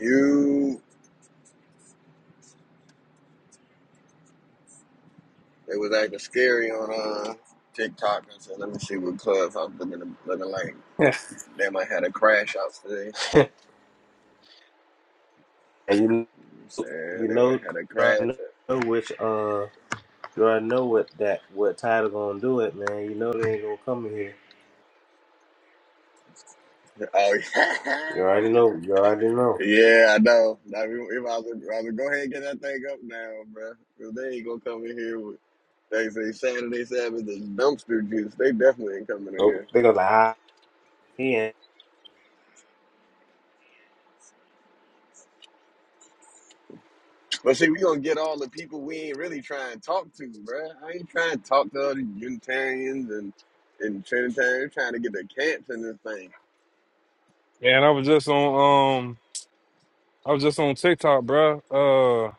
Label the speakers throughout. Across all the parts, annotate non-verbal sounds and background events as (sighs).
Speaker 1: You, they was acting scary on uh, TikTok. I said, let me see what Clubhouse looking, looking like. They might have had a crash out today. I'm saying they might have had a crash. Oh yeah, (laughs) yeah, I know. Now we, we might, as well, might as well go ahead and get that thing up now, bro. Cause they ain't gonna come in here with they say Saturday Sabbath is dumpster juice. They definitely ain't coming in here. But see, we gonna get all the people we ain't really trying to talk to, bruh. I ain't trying to talk to other Unitarians and and Trinitarians. Trying to get the camps in this thing.
Speaker 2: And I was just on um I was just on TikTok, bruh. Uh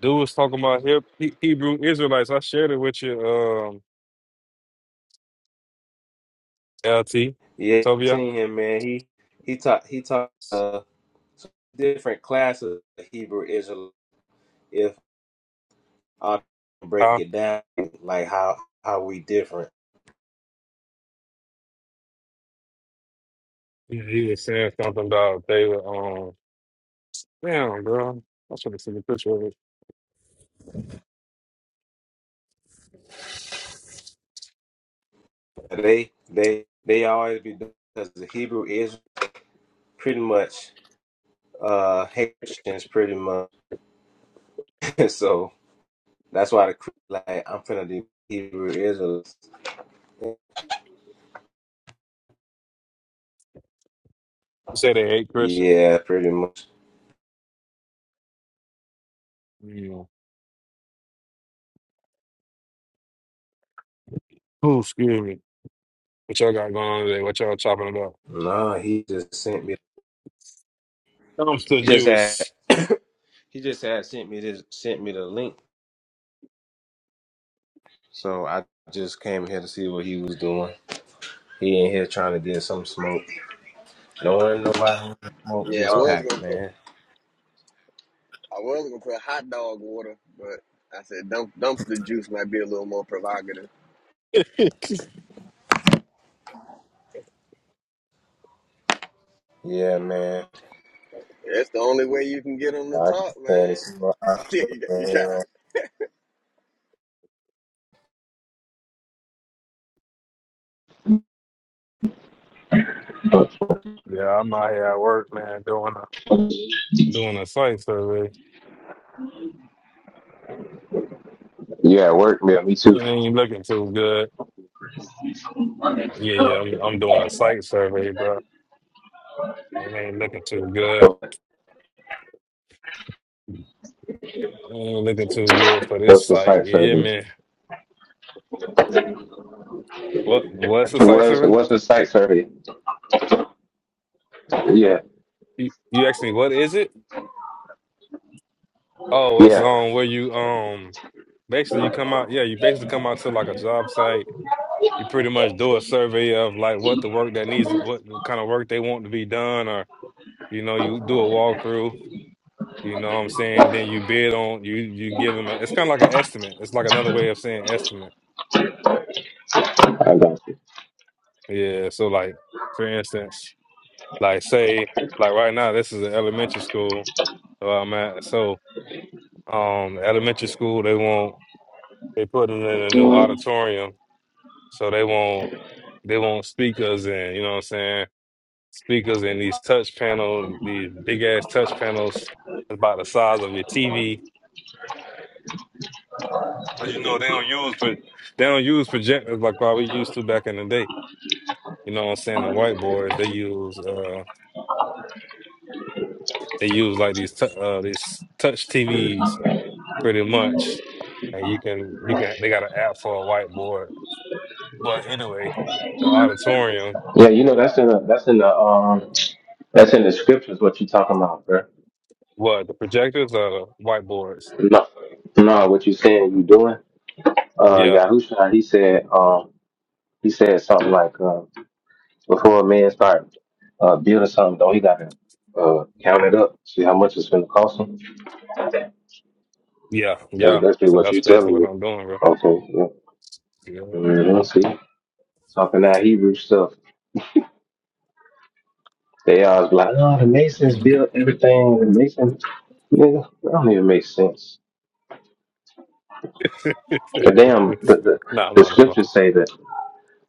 Speaker 2: dude was talking about Heb- He- Hebrew Israelites. I shared it with you, um LT. Sylvia. Uh, he he was saying something about they were um damn bro. I should have seen a picture of it. He said they hate Christians. Yeah. Oh, excuse me. What y'all got going on today? What y'all chopping about? Dumpster juice.
Speaker 1: Yeah, I
Speaker 2: Oh.
Speaker 1: was gonna put I was gonna put hot dog water, but I said dump, dumpster juice might be a little more provocative.
Speaker 2: (laughs) yeah,
Speaker 1: That's the only way you can get them to talk, man. (laughs) you got, you got
Speaker 2: I'm out here at work, man, doing a doing a site survey.
Speaker 3: Yeah, work. Yeah, me too.
Speaker 2: It ain't looking too good. Yeah, yeah, I'm I'm doing a site survey, but it ain't looking too good. It ain't looking too good for this
Speaker 3: What's the
Speaker 2: site.
Speaker 3: site
Speaker 2: Yeah,
Speaker 3: survey?
Speaker 2: man. What what's the site
Speaker 3: What's
Speaker 2: survey?
Speaker 3: what's the site survey? Yeah,
Speaker 2: You, you asked me what is it? Oh, it's
Speaker 3: yeah,
Speaker 2: um where you um basically you come out yeah, you basically come out to like a job site. You pretty much do a survey of like what the work that needs what kind of work they want to be done or you know, you do a walkthrough, you know what I'm saying? Then you bid on you you give them a, it's kind of like an estimate. It's like another way of saying estimate
Speaker 3: I got you.
Speaker 2: Yeah, so like for instance, like say like right now this is an elementary school where I'm at. So um elementary school they want they putting in a new auditorium so they want they want speakers and you know what I'm saying speakers and these touch panels these big ass touch panels about the size of your TV. Cause you know they don't use pro- they don't use projectors like what we used to back in the day. You know what I'm saying? The whiteboards they use. uh, They use like these tou- uh these touch TVs pretty much, and you can you can they got an app for a whiteboard. But anyway, the auditorium,
Speaker 3: Yeah, you know that's in the that's in the um that's in the scriptures. What you talking about, bro?
Speaker 2: what the projectors or the whiteboards?
Speaker 3: No, no, what you saying you doing? Uh,
Speaker 2: Yeah,
Speaker 3: Yahusha, he said um he said something like uh before a man start uh building something, don't he gotta uh count it up, see how much it's gonna cost him.
Speaker 2: yeah,
Speaker 3: That's
Speaker 2: yeah.
Speaker 3: basically
Speaker 2: So
Speaker 3: what
Speaker 2: that's
Speaker 3: you
Speaker 2: basically
Speaker 3: telling
Speaker 2: what
Speaker 3: me.
Speaker 2: I'm doing, bro.
Speaker 3: Okay, yeah.
Speaker 2: Yeah.
Speaker 3: hmm see, talking that Hebrew stuff. They all like, oh, the Masons
Speaker 2: Mhm.
Speaker 3: built everything. The Masons, nigga, that don't even make sense.
Speaker 2: (laughs)
Speaker 3: The damn, the, the,
Speaker 2: nah, I'm
Speaker 3: the
Speaker 2: on the phone.
Speaker 3: scriptures say that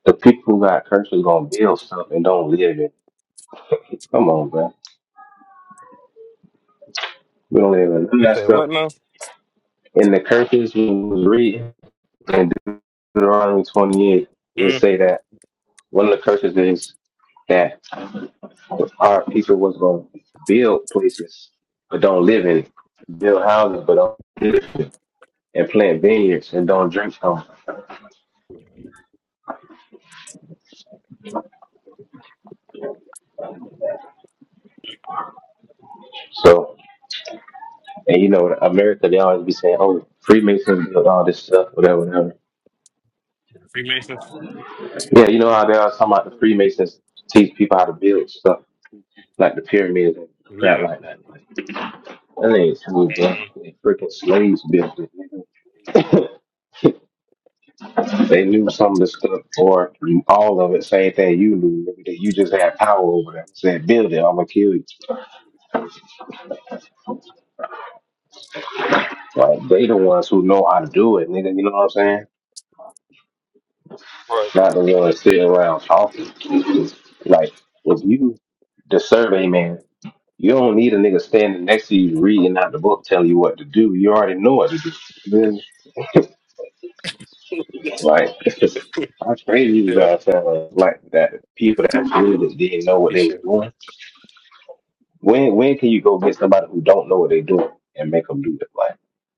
Speaker 3: the people who got curses going to build stuff and don't live it. Come on, bro. We don't live in none of
Speaker 2: I
Speaker 3: that
Speaker 2: say
Speaker 3: stuff.
Speaker 2: what now?
Speaker 3: In the curses we was reading in Deuteronomy 28, it
Speaker 2: Mm,
Speaker 3: say that one of the curses is that our people was going to build places but don't live in it. Build houses but don't live in it. And plant vineyards and don't drink from it. So And you know, America, they always be saying, "Oh, Freemasons built all this stuff, whatever, whatever."
Speaker 2: Freemasons?
Speaker 3: Yeah, you know how they always talking about the Freemasons teach people how to build stuff, like the pyramids and crap
Speaker 2: Yeah.
Speaker 3: like that. Like, that ain't true, bro.
Speaker 2: Mhm.
Speaker 3: They freaking slaves built it. nigga. (laughs) they knew some of the stuff, or all of it. Same thing you knew. nigga, That you just had power over them. Said, "Build it, I'm gonna kill you." Like they the ones who know how to do it, nigga. You know what I'm saying?
Speaker 2: Right.
Speaker 3: Not the ones sitting around talking. Like if you the survey man. You don't need a nigga standing next to you reading out the book telling you what to do. You already know what to do. Then, Like, (laughs)
Speaker 2: (laughs)
Speaker 3: how crazy you
Speaker 2: yeah.
Speaker 3: guys sound like that. People that really didn't know what
Speaker 2: He
Speaker 3: they was
Speaker 2: should.
Speaker 3: doing. When when can you go get somebody who don't know what they doing and make them do it? Like,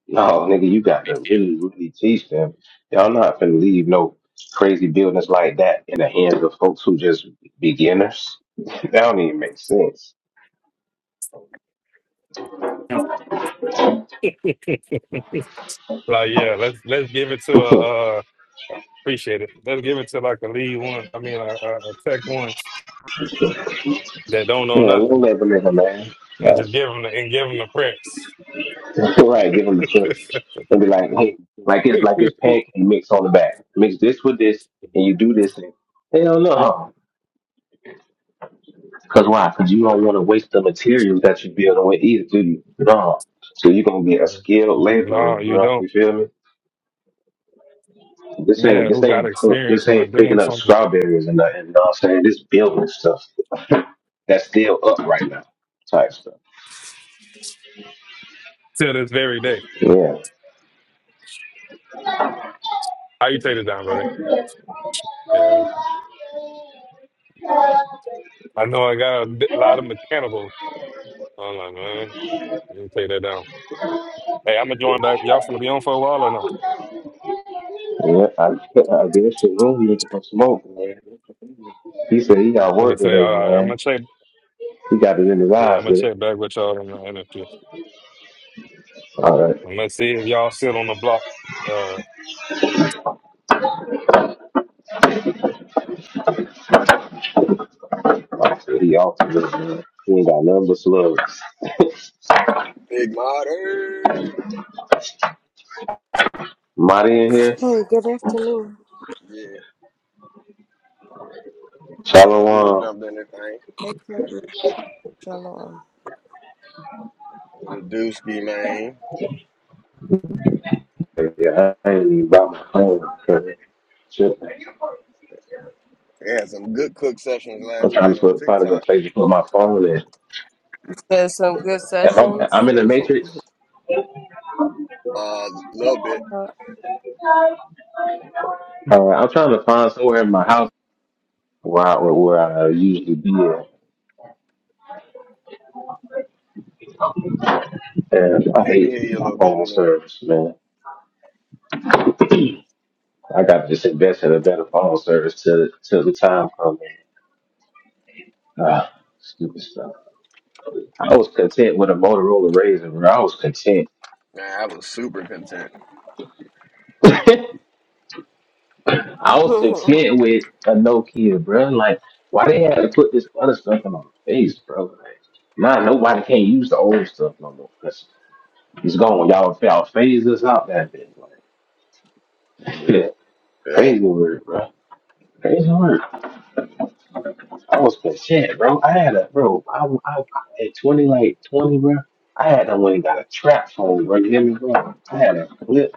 Speaker 3: no, nigga, you got to really, really teach them. Y'all not finna leave no crazy buildings like that in the hands of folks who just beginners. (laughs) that don't even make sense.
Speaker 2: Like yeah, let's let's give it to
Speaker 3: (laughs) yeah,
Speaker 2: a. uh, Appreciate it. Let's give it to like a lead one. I mean, a, a, a tech one that don't know
Speaker 3: a little
Speaker 2: nothing,
Speaker 3: bit of a nigga,
Speaker 2: and
Speaker 3: man.
Speaker 2: just give them the, and give them the preps.
Speaker 3: (laughs) right, give them the challenge and be like, hey, like it's like it's pancake mix on the back. Mix this with this, and you do
Speaker 2: (laughs)
Speaker 3: this, and hell no, because why? Because you don't want to waste the materials that you build with either, do you? No. So you're gonna be a skilled laborer,
Speaker 2: no, you
Speaker 3: bro.
Speaker 2: don't.
Speaker 3: This ain't
Speaker 2: Yeah,
Speaker 3: this
Speaker 2: who got
Speaker 3: ain't pu-
Speaker 2: experience
Speaker 3: this
Speaker 2: or
Speaker 3: ain't
Speaker 2: doing
Speaker 3: picking up
Speaker 2: something
Speaker 3: strawberries and nothing. You know what I'm saying? This building stuff that's still up right now, type stuff.
Speaker 2: till this very day?
Speaker 3: Yeah,
Speaker 2: How you take it down, brother? Yeah, I know I got a bit- lot of mechanicals. I'm like, man, you take that down. Hey, I'm gonna join back. Y'all finna be on for a while or no?
Speaker 3: yeah. I (laughs) I guess this shit room, looking for smoke. He said he got
Speaker 2: And they
Speaker 3: work
Speaker 2: say,
Speaker 3: today,
Speaker 2: all right, I'm
Speaker 3: man.
Speaker 2: gonna check
Speaker 3: He got it in his
Speaker 2: Yeah, I'm
Speaker 3: eyes,
Speaker 2: gonna
Speaker 3: man.
Speaker 2: check back with y'all in a, in a few.
Speaker 3: All right.
Speaker 2: I'm gonna see if y'all sit on the block. Uh,
Speaker 3: I said he off today, man. He ain't got nothing but slugs.
Speaker 1: Big Marty.
Speaker 3: Marty in here.
Speaker 4: Hey, good afternoon.
Speaker 1: Yeah, yeah, he just
Speaker 3: Shalom.
Speaker 1: jumped in this thing
Speaker 4: Thank you, Shalom.
Speaker 1: with a dusky man.
Speaker 3: Yeah, I ain't even brought my phone. 'cause Shit.
Speaker 1: They had some good cook sessions
Speaker 3: I'm
Speaker 1: last
Speaker 3: trying
Speaker 1: night
Speaker 3: to
Speaker 1: on
Speaker 3: put probably the
Speaker 1: TikTok.
Speaker 3: place to put my phone in.
Speaker 4: There's some good
Speaker 3: If I'm,
Speaker 4: sessions.
Speaker 3: I'm
Speaker 1: Oh,
Speaker 3: in
Speaker 1: it
Speaker 3: the
Speaker 1: was some.
Speaker 3: matrix.
Speaker 1: A uh, little bit.
Speaker 4: Uh,
Speaker 3: Uh, I'm trying to find somewhere in my house where I, where I usually be at. And I
Speaker 1: Yeah, I can
Speaker 3: hate
Speaker 1: hear you a
Speaker 3: my
Speaker 1: little better
Speaker 3: phone
Speaker 1: now.
Speaker 3: service, man. I got to just invest in a better phone service till till the time comes. Ah, stupid stuff. I was content with a Motorola Razor, bro. I was content.
Speaker 1: Man, I was super content.
Speaker 3: (laughs) I
Speaker 4: (laughs)
Speaker 3: was content with a Nokia, bro. Like, why they had to put this other stuff in my face, bro? Like,
Speaker 1: Yeah,
Speaker 3: nah, nobody can't use the old stuff no more. Cause it's gone. Y'all, y'all phase us out that bit. Like,
Speaker 1: yeah,
Speaker 3: (laughs) crazy word, bro. Crazy word. I was content, bro. I had a bro. I, I, I at twenty, like twenty, bro. I had the one that got a trap phone, bro. You hear me, bro? I had a flip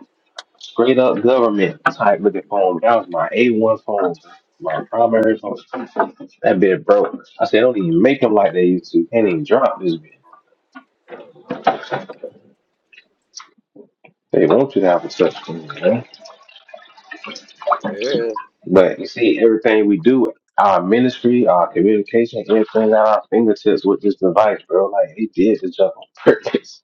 Speaker 3: Straight up government type looking phone. That was my A1 phone, my primary phone. That bit broke. I said, don't even make them like they used to. Can't even drop this bit. They want you to have a touch screen, man.
Speaker 1: yeah,
Speaker 3: But you see, everything we do, our ministry, our communication, everything at our fingertips with this device, bro. Like, he did the job on purpose.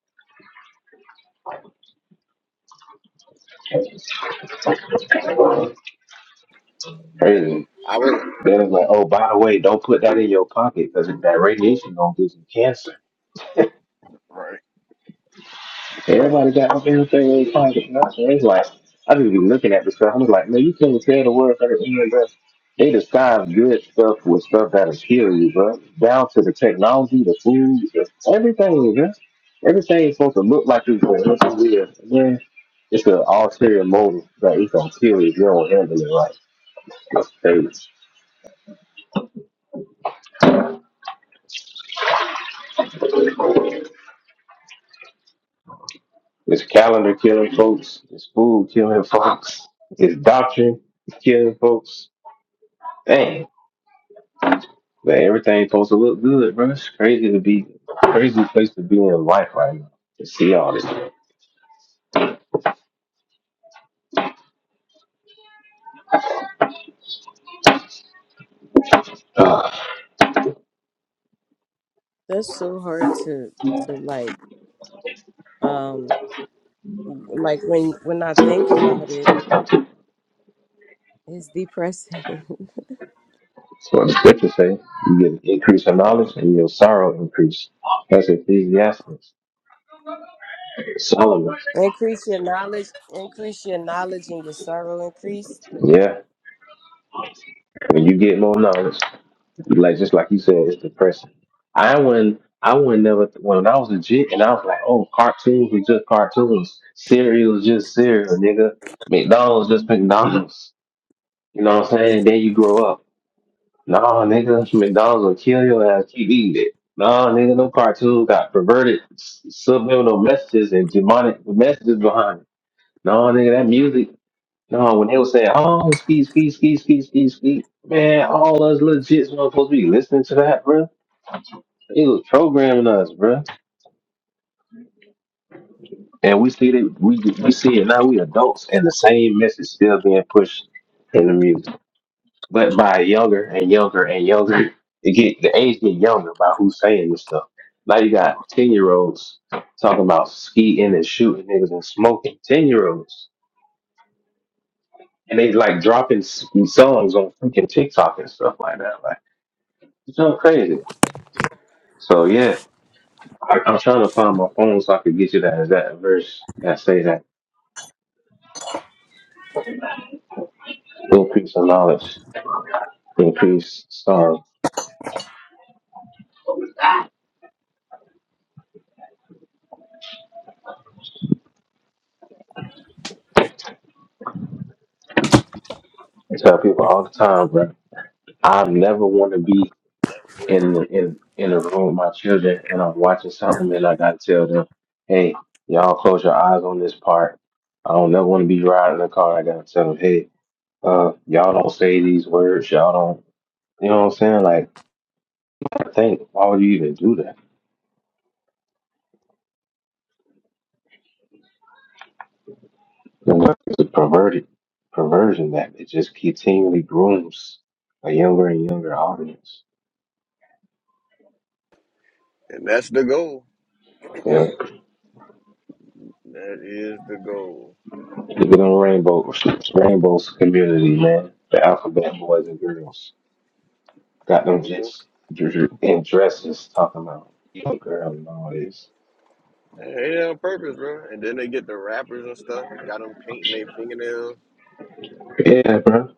Speaker 1: yeah.
Speaker 3: Crazy.
Speaker 1: I was
Speaker 3: Then it's like, oh, by the way, don't put that in your pocket because that radiation gonna give you cancer
Speaker 1: right,
Speaker 3: Hey,
Speaker 4: right.
Speaker 3: Everybody got up everything in their pocket. And I was it's like, I just be looking at this stuff. I'm like, man, you can't tell the word. from the end, bro. They disguise good stuff with stuff that'll kill you, bro. Down to the technology, the food, the, everything, bro. Everything is supposed to look like it's going to look real. Yeah, it's an ulterior motive that it's going to kill you if you don't handle it right. It's crazy. It's calendar killing folks. It's food killing (laughs) folks. It's doctrine killing folks. Dang. But everything supposed to look good, bro. It's crazy to be crazy place to be in life right now. To see all this. Uh,
Speaker 4: That's so hard to to like um like when when I think about it, it's depressing. (laughs)
Speaker 3: that's what the scriptures say. You get an increase in
Speaker 4: Right.
Speaker 3: knowledge and your sorrow increase. That's Ecclesiastes. Solomon.
Speaker 4: increase your knowledge, increase your knowledge and your sorrow increase.
Speaker 3: Yeah. When you get more knowledge, like just like you said, it's depressing. I wouldn't I wouldn't never when I was a jit and I was like, oh, cartoons were just cartoons. Cereal was just cereal, nigga. McDonald's just McDonald's. You know what I'm saying? Then you grow up. Nah, nigga, (laughs) McDonald's will kill your ass. Keep eating it. Nah, nigga, no cartoon got perverted s- subliminal messages and demonic messages behind it. Nah, nigga, that music. Nah, when they was saying, oh, ski, ski, ski, ski, ski, ski, man, all us legit supposed to be listening to that, bro. It was programming us, bro. And we see it. We we see it now. We adults, and the same message still being pushed in the music. but by younger and younger and younger, (laughs) it get the age get younger by who's saying this stuff. Now you got ten year olds talking about skiing and shooting niggas and smoking. Ten year olds and they like dropping s- songs on freaking TikTok and stuff like that. Like it's so crazy. So yeah, I, I'm trying to find my phone so I could get you that exact verse. that say that increase in knowledge, increase sorrow. I tell people all the time, bro. I never want to be. in in in a room with my children and I'm watching something and I gotta tell them, hey, y'all close your eyes on this part. I don't never want to be riding a car. I gotta tell them, hey, uh, y'all don't say these words. Y'all don't. You know what I'm saying? Like, I think why would you even do that? It's a perverted perversion that it just continually grooms a younger and younger audience.
Speaker 1: and that's the goal.
Speaker 3: Yeah, look
Speaker 1: That is the goal.
Speaker 3: at them rainbow rainbows community, man. The alphabet boys and girls. Got them
Speaker 1: Mm-hmm.
Speaker 3: just dr- in dresses talking about young girl and all this.
Speaker 1: Hey, on purpose, bro. And then they get the rappers and stuff. Got them painting their fingernails,
Speaker 3: Yeah, bro.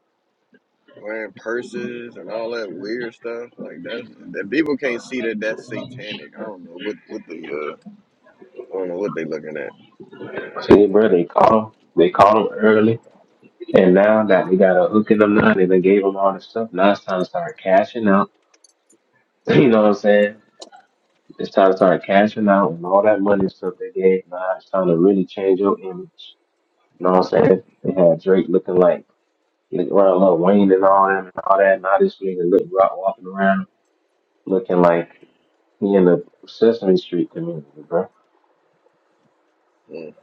Speaker 1: wearing purses, and all that weird stuff. Like that, that people can't see that that's satanic. I don't know what what they uh, I don't know what they looking at.
Speaker 3: See, bro, they caught him. They caught him early, and now that they got a hook in the line and they gave him all this stuff, now it's time to start cashing out. (laughs) (clears throat) You know what I'm saying? It's time to start cashing out and all that money and stuff they gave. Now it's time to really change your image. You know what I'm saying? They had Drake looking like looking around Lil Wayne and all that and all that. Now this nigga look rock walking around looking like he in the Sesame Street community, bro.
Speaker 1: Mm.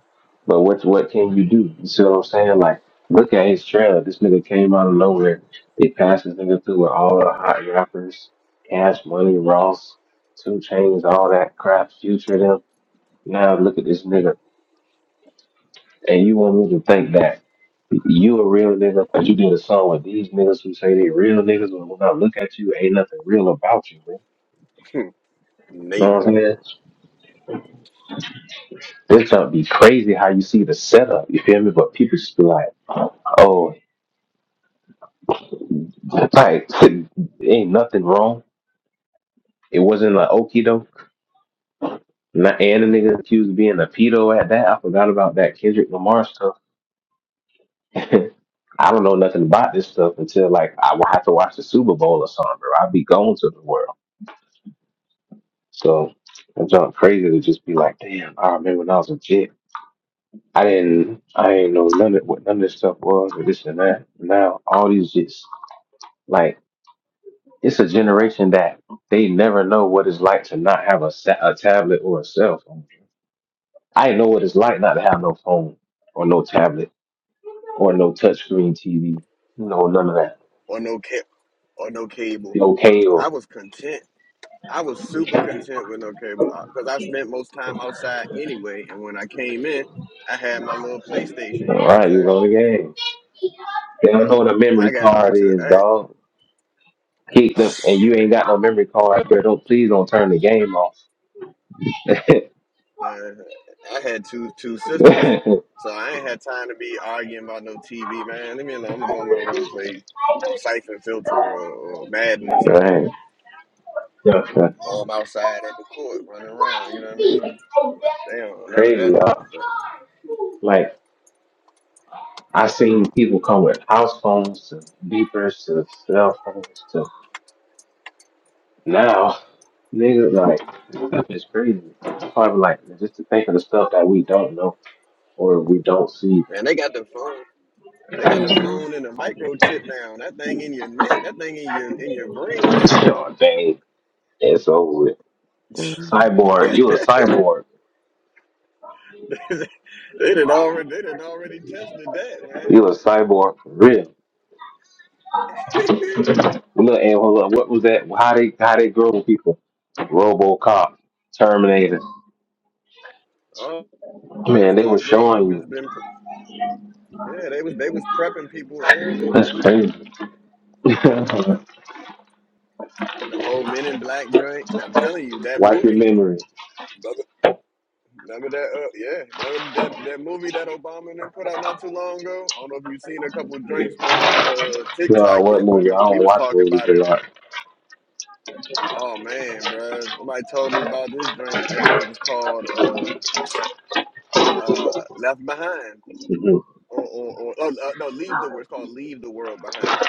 Speaker 3: But what's what can you do? You see what I'm saying? Like, look at his trailer. This nigga came out of nowhere. They passed this nigga through with all the hot rappers, Cash Money, Ross, Two Chainz, all that crap. Future them. Now look at this nigga, and you want me to think that you a real nigga because you did a song with these niggas who say they real niggas, but when I look at you, ain't nothing real about you, man.
Speaker 1: (laughs)
Speaker 3: You know what
Speaker 1: Nathan
Speaker 3: I'm saying? This gonna be crazy how you see the setup. You feel me? But people just be like. oh. Like, (laughs) ain't nothing wrong. It wasn't like okie doke. Not- And the nigga accused of being a pedo at that. I forgot about that Kendrick Lamar stuff. (laughs) I don't know nothing about this stuff until like I will have to watch the Super Bowl or something, or I'll be going to the world. So I'm not crazy to just be like, damn, I remember when I was a kid. I didn't I didn't know none of what none of this stuff was or this and that. Now all these just like it's a generation that they never know what it's like to not have a, sa- a tablet or a cell phone I know what it's like not to have no phone or no tablet or no touchscreen TV. You know, none of that.
Speaker 1: or no cap or no cable.
Speaker 3: Okay,
Speaker 1: I
Speaker 3: or
Speaker 1: was content. I was super content with no cable because I spent most time outside anyway. And when I came in, I had my little
Speaker 3: you
Speaker 1: PlayStation.
Speaker 3: know,
Speaker 1: You
Speaker 3: all
Speaker 1: know what I'm
Speaker 3: right, you
Speaker 1: saying?
Speaker 3: on the game. They don't know what a
Speaker 1: I
Speaker 3: memory
Speaker 1: got
Speaker 3: card
Speaker 1: two.
Speaker 3: is,
Speaker 1: I,
Speaker 3: dog. Kick them, and you ain't got no memory card, but don't please don't turn the game off.
Speaker 1: uh, I had two two sisters,
Speaker 3: (laughs)
Speaker 1: so I ain't had time to be arguing about no TV. Man, leave me alone. I'm gonna go in my room and play Siphon Filter or, or Madden or something.
Speaker 3: right. Yeah,
Speaker 1: Or I'm outside at the court running around. You know what I mean? They don't none of
Speaker 3: crazy,
Speaker 1: that stuff,
Speaker 3: dog.
Speaker 1: bro.
Speaker 3: Like I seen people come with house phones to beepers to cell phones to Now, nigga, like this stuff is crazy. Probably like just to think of the stuff that we don't know or we don't see.
Speaker 1: Man, they got the phone. They got the
Speaker 4: Mm-hmm.
Speaker 1: phone and the microchip now. That thing in your neck. That thing in your in your brain now.
Speaker 3: Oh, dang, it's over with.
Speaker 4: hmm
Speaker 3: Cyborg, you a cyborg.
Speaker 1: (laughs) they did already. They did already tested that, man.
Speaker 3: You a cyborg for real.
Speaker 1: (laughs)
Speaker 3: Look, and hold up, what was that? How they how they grow people? RoboCop, Terminator.
Speaker 1: all, that
Speaker 3: Man, they were
Speaker 1: stuff, bro.
Speaker 3: showing you.
Speaker 1: Just been. Yeah, they was they was prepping people early,
Speaker 3: That's
Speaker 1: man.
Speaker 3: crazy. (laughs) Wipe
Speaker 1: The whole Men in Black drink. And I'm telling you, that
Speaker 3: your
Speaker 1: movie.
Speaker 3: memory.
Speaker 1: Remember, remember that? Uh, yeah, remember that that movie that Obama and them put out not too long ago. I don't know if you've seen a couple of drinks on uh TikTok
Speaker 3: No, what
Speaker 1: yet, but
Speaker 3: movie? I
Speaker 1: remember we
Speaker 3: don't
Speaker 1: was
Speaker 3: watch
Speaker 1: talking
Speaker 3: movies
Speaker 1: about
Speaker 3: a
Speaker 1: it
Speaker 3: lot.
Speaker 1: Oh man, bruh. Somebody told me about this drink. That drink was called uh uh Left Behind. Or or, or oh, uh, no, Leave the World. It's called Leave the World Behind.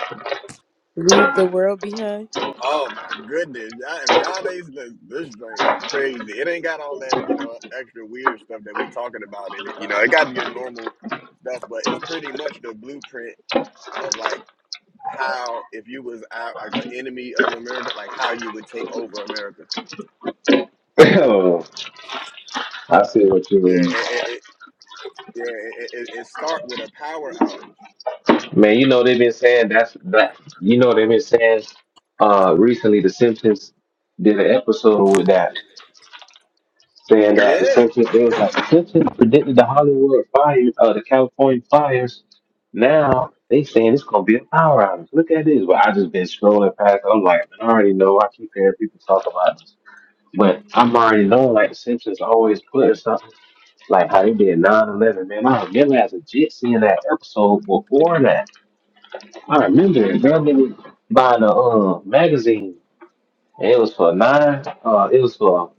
Speaker 4: Leave the world behind.
Speaker 1: Oh my goodness. Y'all if y'all ain't listen, this drink is crazy. It ain't got all that, you know, extra weird stuff that we talking about in it. You know, it got your normal stuff, but it's pretty much the blueprint of like how if you was out like an enemy of America, like how you would take over America.
Speaker 3: Mhm. (coughs) (laughs) I see what you
Speaker 1: Yeah,
Speaker 3: mean.
Speaker 1: it, it, it- yeah, it, it, it start with a power outage.
Speaker 3: Man, you know they've been saying that's that. You know they've been saying uh recently the Simpsons did an episode with that saying that the
Speaker 1: Yeah,
Speaker 3: Simpsons it was like the Simpsons predicted the Hollywood fires, uh, the California fires. Now they saying it's gonna be a power outage. Look at this. But I just been scrolling past. I'm like, man, I already know. I keep hearing people talk about this, but I'm already knowing like the Simpsons always putting something like how they did 911. Man, I remember as a jit seeing that episode before that. I remember it. Girl, they were buying a uh, magazine, and it was for nine. Uh, it was for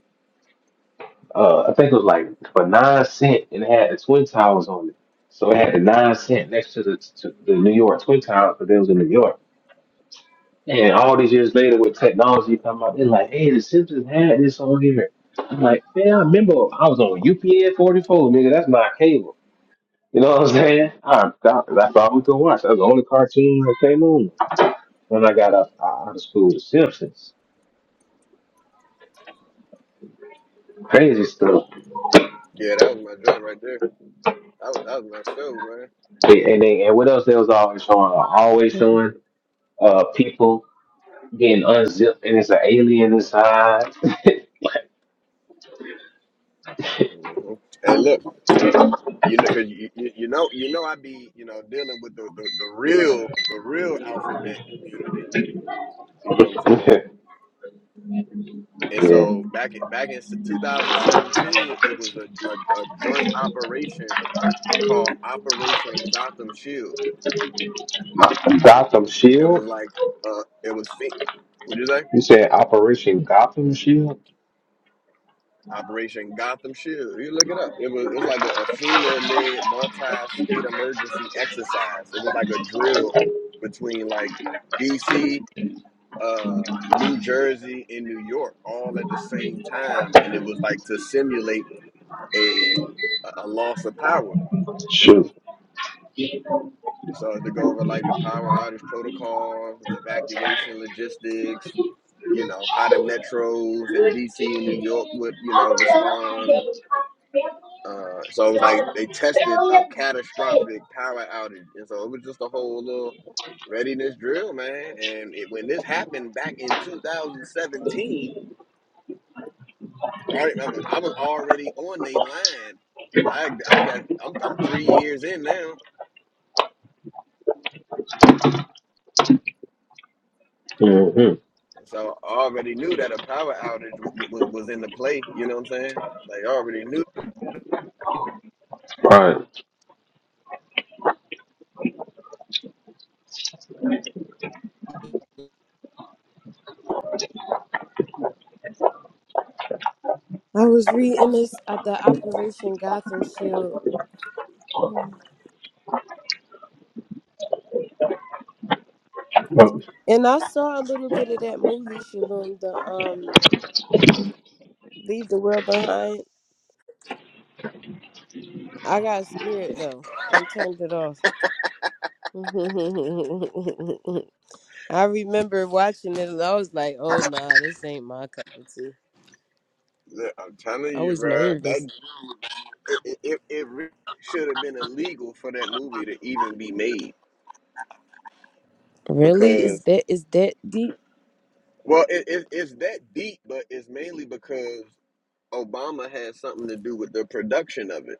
Speaker 3: uh, I think it was like for nine cent, and it had the Twin Towers on it. So it had the nine cent next to the to the New York Twin Towers, but it was in New York. And all these years later, with technology coming out, they're like, "Hey, the Simpsons had this on here." I'm like, "Man, I remember I was on UPN 44, nigga. That's my cable." You know what I'm saying? I, I, that's all we could watch. That was the only cartoon that came on. when I got out, out of school, The Simpsons, crazy stuff.
Speaker 1: yeah, that was my joint right there. That was that was myself, man.
Speaker 3: And, and they and what else they was always showing? Always showing uh people getting unzipped, and it's an alien inside.
Speaker 1: hmm Hey, look, you know, cause you, you you know you know I be you know dealing with the, the the real the real alphabet community. You know what I'm saying? And
Speaker 3: Yeah,
Speaker 1: so back in back in 2017, it was a, a, a joint operation called Operation Gotham Shield. It, it
Speaker 3: you
Speaker 1: was like uh, it was fit. What did you say?
Speaker 3: said Operation Gotham Shield.
Speaker 1: Operation Gotham Shield. You look it up. It was it's like a, a FEMA led multi state emergency exercise. It was like a drill between like DC, uh, New Jersey, and New York all at the same time, and it was like to simulate a a a loss of power.
Speaker 3: Shoot.
Speaker 1: So to go over like the power outage protocol, the evacuation logistics, you know how the metros in DC and New York would you know respond Uh, so it was like they tested a catastrophic power outage, and so it was just a whole little readiness drill, man. And it, when this happened back in 2017, right? I was already on the line. I I got I'm I'm three years in now,
Speaker 3: Mm-hmm.
Speaker 1: So I already knew that a power outage w- w- was was in the play. You know what I'm saying? Like I already knew.
Speaker 3: Right.
Speaker 4: I was reading this at the Operation Gotham Shield. And I saw a little bit of that movie, Shalom, the um leave the world behind. I got scared though and turned it off. (laughs) I remember watching it and I was like, "Oh nah, this ain't my cup of tea."
Speaker 1: that- I'm telling
Speaker 4: I
Speaker 1: you,
Speaker 4: was
Speaker 1: bro.
Speaker 4: nervous.
Speaker 1: That it it, it, it re- should have been illegal for that movie to even be made
Speaker 4: Really? Is
Speaker 1: because
Speaker 4: that is that deep?
Speaker 1: well, it, it it's that deep, but it's mainly because Obama had something to do with the production of it.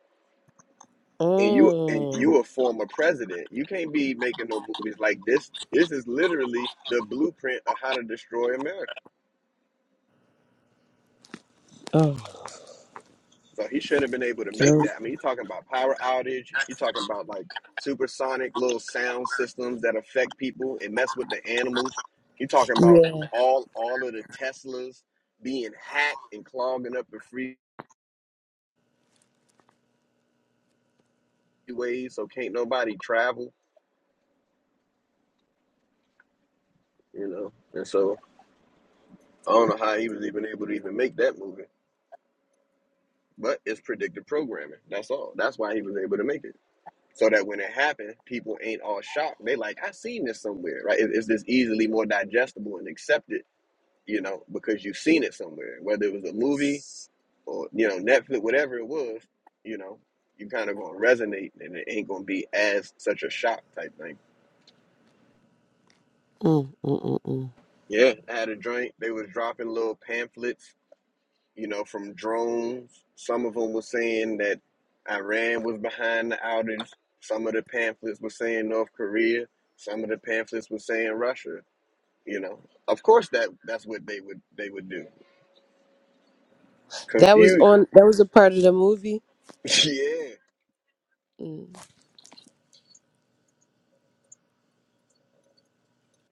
Speaker 1: and you and
Speaker 4: Mm.
Speaker 1: you a former president. You can't be making no movies like this. This is literally the blueprint of how to destroy America.
Speaker 4: Oh, no.
Speaker 1: So he shouldn't have been able to make that. I mean, you're talking about power outage. You're talking about like supersonic little sound systems that affect people and mess with the animals. You're talking about
Speaker 4: yeah.
Speaker 1: all all of the Teslas being hacked and clogging up the freeways, so can't nobody travel. You know, and so I don't know how he was even able to even make that movie. But it's predictive programming. That's all. That's why he was able to make it. So that when it happened, people ain't all shocked. They like, I seen this somewhere, right? It- It's just easily more digestible and accepted, you know, because you've seen it somewhere, whether it was a movie or you know Netflix, whatever it was, you know, you kind of gonna resonate, and it ain't gonna be as such a shock type thing.
Speaker 4: Mm, mm, mm, mm.
Speaker 1: Yeah, I had a joint. They was dropping little pamphlets you know, from drones. Some of them were saying that Iran was behind the outage. Some of the pamphlets were saying North Korea. Some of the pamphlets were saying Russia. You know, of course that that's what they would they would do.
Speaker 4: That was
Speaker 1: Confusion.
Speaker 4: on. That was a part of the movie.
Speaker 1: (laughs) yeah.
Speaker 4: Mm.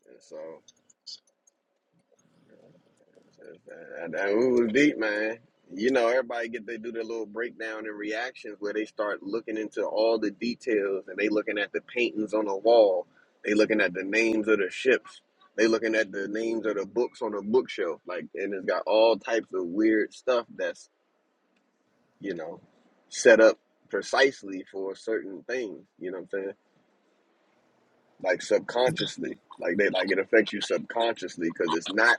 Speaker 1: And so you know, And, and we was deep, man. You know, everybody get they do their little breakdown and reactions where they start looking into all the details and they looking at the paintings on the wall. They looking at the names of the ships. They looking at the names of the books on the bookshelf. Like, and it's got all types of weird stuff that's you know set up precisely for certain things. You know what I'm saying? Like subconsciously, like they like it affects you subconsciously because it's not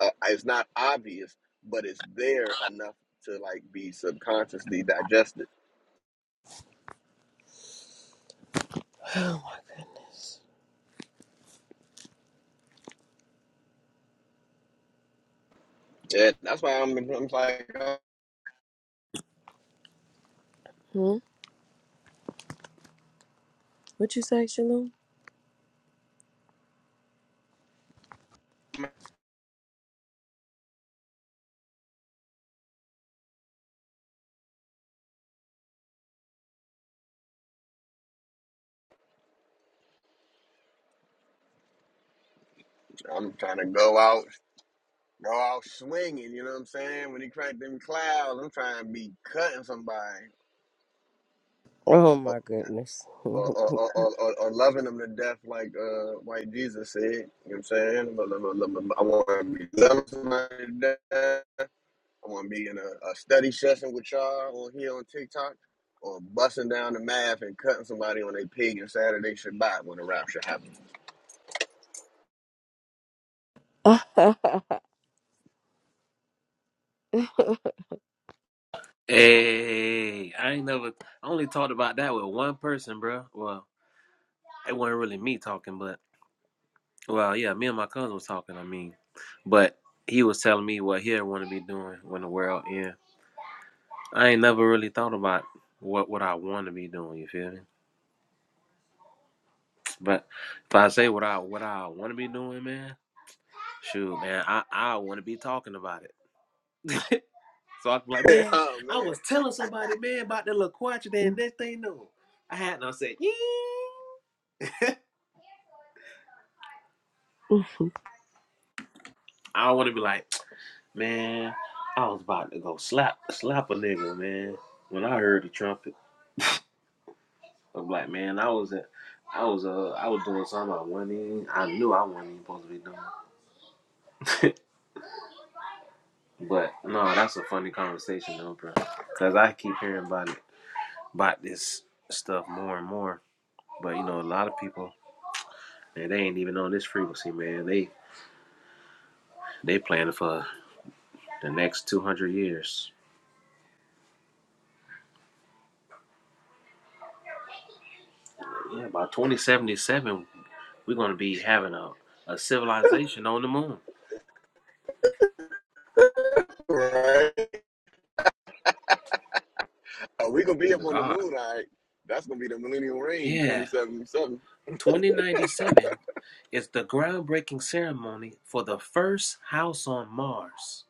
Speaker 1: uh, it's not obvious, but it's there enough to like be subconsciously digested.
Speaker 4: Oh my goodness.
Speaker 1: Yeah, that's why I'm, I'm like uh,
Speaker 4: Hmm? What you say, Shalom?
Speaker 1: I'm trying to go out, go out swinging. You know what I'm saying? When he cracked them clouds, I'm trying to be cutting somebody
Speaker 4: Oh
Speaker 1: or
Speaker 4: my goodness.
Speaker 1: or, or, or, or, or or loving them to death, like uh, like Jesus said. You know what I'm saying? I want to be loving somebody to death. I want to be in a, a study session with y'all on here on TikTok or busting down the math and cutting somebody on a pig and Saturday Shabbat when the rapture happens.
Speaker 5: Hey, I ain't never I only talked about that with one person, bro. Well, it wasn't really me talking, but well, yeah, me and my cousin was talking. I mean, but he was telling me what he want to be doing when the world end. I ain't never really thought about what what I want to be doing. You feel me? But if I say what I what I want to be doing, man, shoot, man, I I want to be talking about it. (laughs) so I can be like,
Speaker 1: (laughs)
Speaker 5: man,
Speaker 1: oh,
Speaker 5: I was
Speaker 1: man.
Speaker 5: telling somebody, man, about the little quadrant, and next thing you know, I had and I said, yeah.
Speaker 4: (laughs) (laughs)
Speaker 5: I don't want to be like, man, I was about to go slap slap a nigga, man. When I heard the trumpet, I'm like, man, I was at, I was uh, I was doing something I wasn't. Even, I knew I wasn't even supposed to be doing. (laughs) but no, that's a funny conversation though, bro. Cause I keep hearing about it, about this stuff more and more. But you know, a lot of people, man, they ain't even on this frequency, man. They they planning for the next two hundred years. Yeah, by 2077, We're gonna be having a, a civilization on the moon.
Speaker 1: Right? Oh, we going to be up
Speaker 5: Oh
Speaker 1: on the
Speaker 5: God.
Speaker 1: moon, all right? That's going to be the Millennial Reign
Speaker 5: Yeah.
Speaker 1: 2077.
Speaker 5: 2097 is the groundbreaking ceremony for the first house on Mars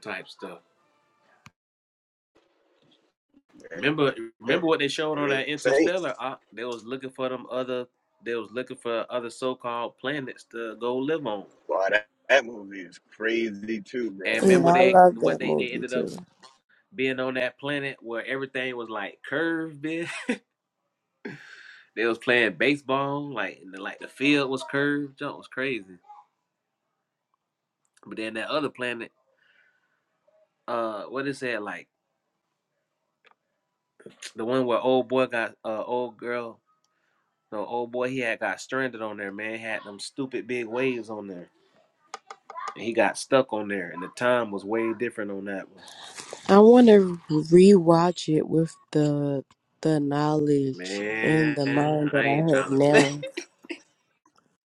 Speaker 5: type stuff. Remember,
Speaker 1: Eh,
Speaker 5: remember what they showed
Speaker 1: it
Speaker 5: on that
Speaker 1: Saints.
Speaker 5: Interstellar? Uh, they was looking for them other, they was looking for other so-called planets to go live on.
Speaker 1: Boy, that, that movie is crazy, too, bro.
Speaker 5: And
Speaker 4: Yeah,
Speaker 5: remember
Speaker 1: You.
Speaker 4: I
Speaker 5: they
Speaker 4: love
Speaker 5: what
Speaker 4: that
Speaker 5: they they
Speaker 4: movie
Speaker 5: ended
Speaker 4: too.
Speaker 5: up being on that planet where everything was like curved. (laughs) They was playing baseball, like and the, like the field was curved. Jump was crazy. But then that other planet, uh, what is that like? The one where old boy got uh old girl, no old boy he had got stranded on there. Man He had them stupid big waves on there, and he got stuck on there, and the time was way different on that one.
Speaker 4: I want to rewatch it with the the knowledge and
Speaker 5: Man,
Speaker 4: the mind
Speaker 5: I
Speaker 4: that
Speaker 5: ain't
Speaker 4: I have
Speaker 5: trying to play.
Speaker 4: now.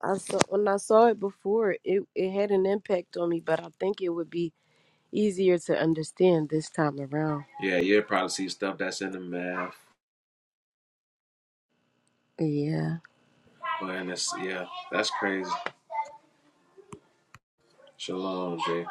Speaker 4: I saw when I saw it before, it it had an impact on me, but I think it would be easier to understand this time around.
Speaker 5: (laughs) yeah, you'll probably see stuff that's in the math,
Speaker 4: Yeah,
Speaker 5: but in this, yeah, that's crazy. Shalom, Jay.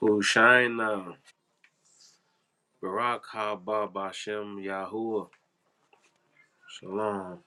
Speaker 5: Who shine now? Barak Haba Bashem Yahuwah. Shalom.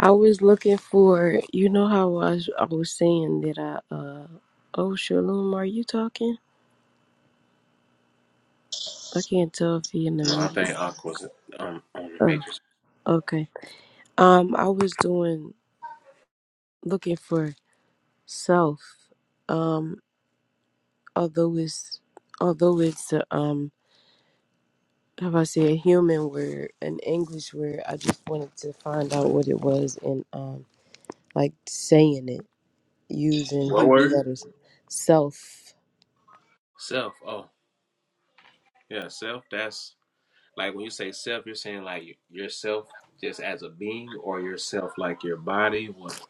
Speaker 4: I was looking for you know how I was I was saying that I uh oh Shalom, are you talking? I can't tell if he in the
Speaker 5: No, I
Speaker 4: music.
Speaker 5: think Aqua's um on the
Speaker 4: Oh,
Speaker 5: Matrix.
Speaker 4: okay. Um, I was doing looking for. self, um, although it's although it's a, um how do I say a human word, an English word, I just wanted to find out what it was and um like saying it using
Speaker 5: What
Speaker 4: Hebrew
Speaker 5: word?
Speaker 4: letters. Self.
Speaker 5: Self. Oh, yeah, self. That's like when you say self, you're saying like yourself just as a being or yourself like your body. What?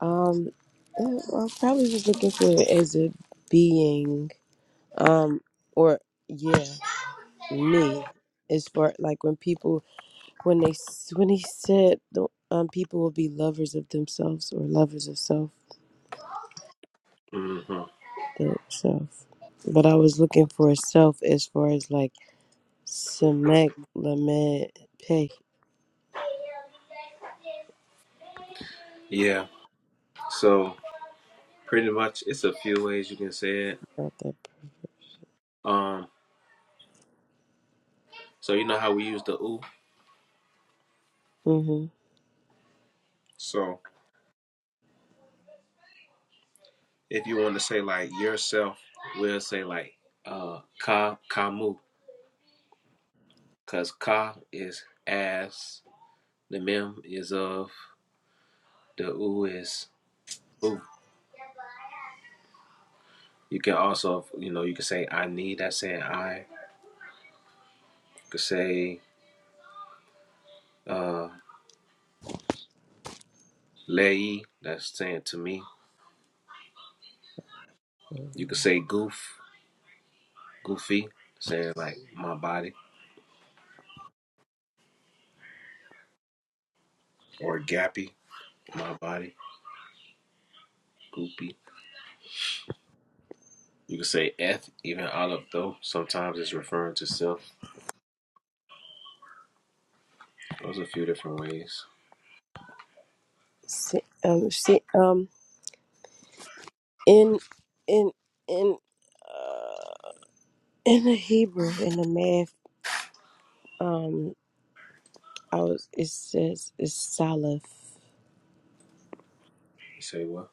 Speaker 4: Um yeah, I probably was looking for it as a being, um, or yeah, me. As far like when people when they s- when he said the um people will be lovers of themselves or lovers of self
Speaker 5: hmm
Speaker 4: the self. But I was looking for self as far as like Semek Lamed Peh.
Speaker 5: Yeah. So pretty much, it's a few ways you can say it.
Speaker 4: About that.
Speaker 5: Um. So you know how we use the ooh.
Speaker 4: Mm-hmm.
Speaker 5: So if you want to say like yourself, we'll say like uh ka kamu, cause ka is as, the mem is of, the ooh is ooh. You can also, you know, you can say I need. That's saying I. could say uh lei, that's saying to me. You could say goof, goofy, saying like my body, or gappy, my body, goopy. You could say eth, even olive though. Sometimes it's referring to self. Those are a few different ways.
Speaker 4: See, um, see, um, in, in, in, uh, in the Hebrew, in the math, um, I was. It says it's Salaf,
Speaker 5: You say what?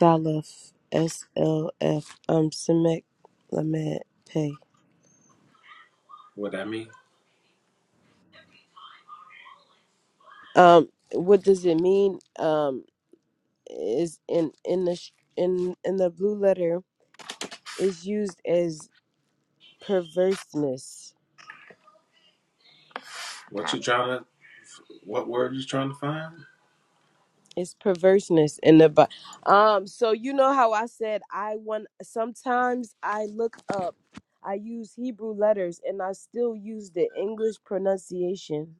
Speaker 4: Salaf, S L F, um, Semek Lamed Peh.
Speaker 5: What that mean?
Speaker 4: Um, what does it mean? Um, is in in the sh- in in the blue letter is used as perverseness.
Speaker 5: What you trying to? What word you trying to find?
Speaker 4: It's perverseness in the Bi- um. So you know how I said I want. Sometimes I look up. I use Hebrew letters and I still use the English pronunciation.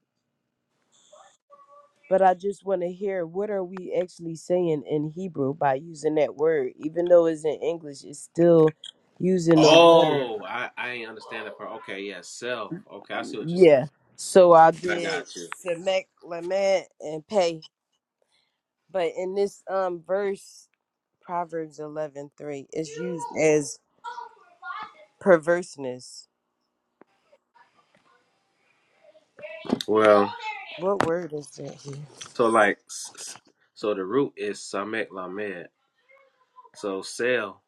Speaker 4: But I just want to hear what are we actually saying in Hebrew by using that word, even though it's in English, it's still using those letters.
Speaker 5: Oh, I I ain't understand that part. Okay, yeah, self. Okay, I see what you're saying.
Speaker 4: Yeah. So I
Speaker 5: I
Speaker 4: did
Speaker 5: got you.
Speaker 4: Semek, Lament, and Pay. But in this um verse, Proverbs eleven three is used as perverseness.
Speaker 5: Well,
Speaker 4: What word is that here?
Speaker 5: So like, s- s- so the root is samek lamed. So sail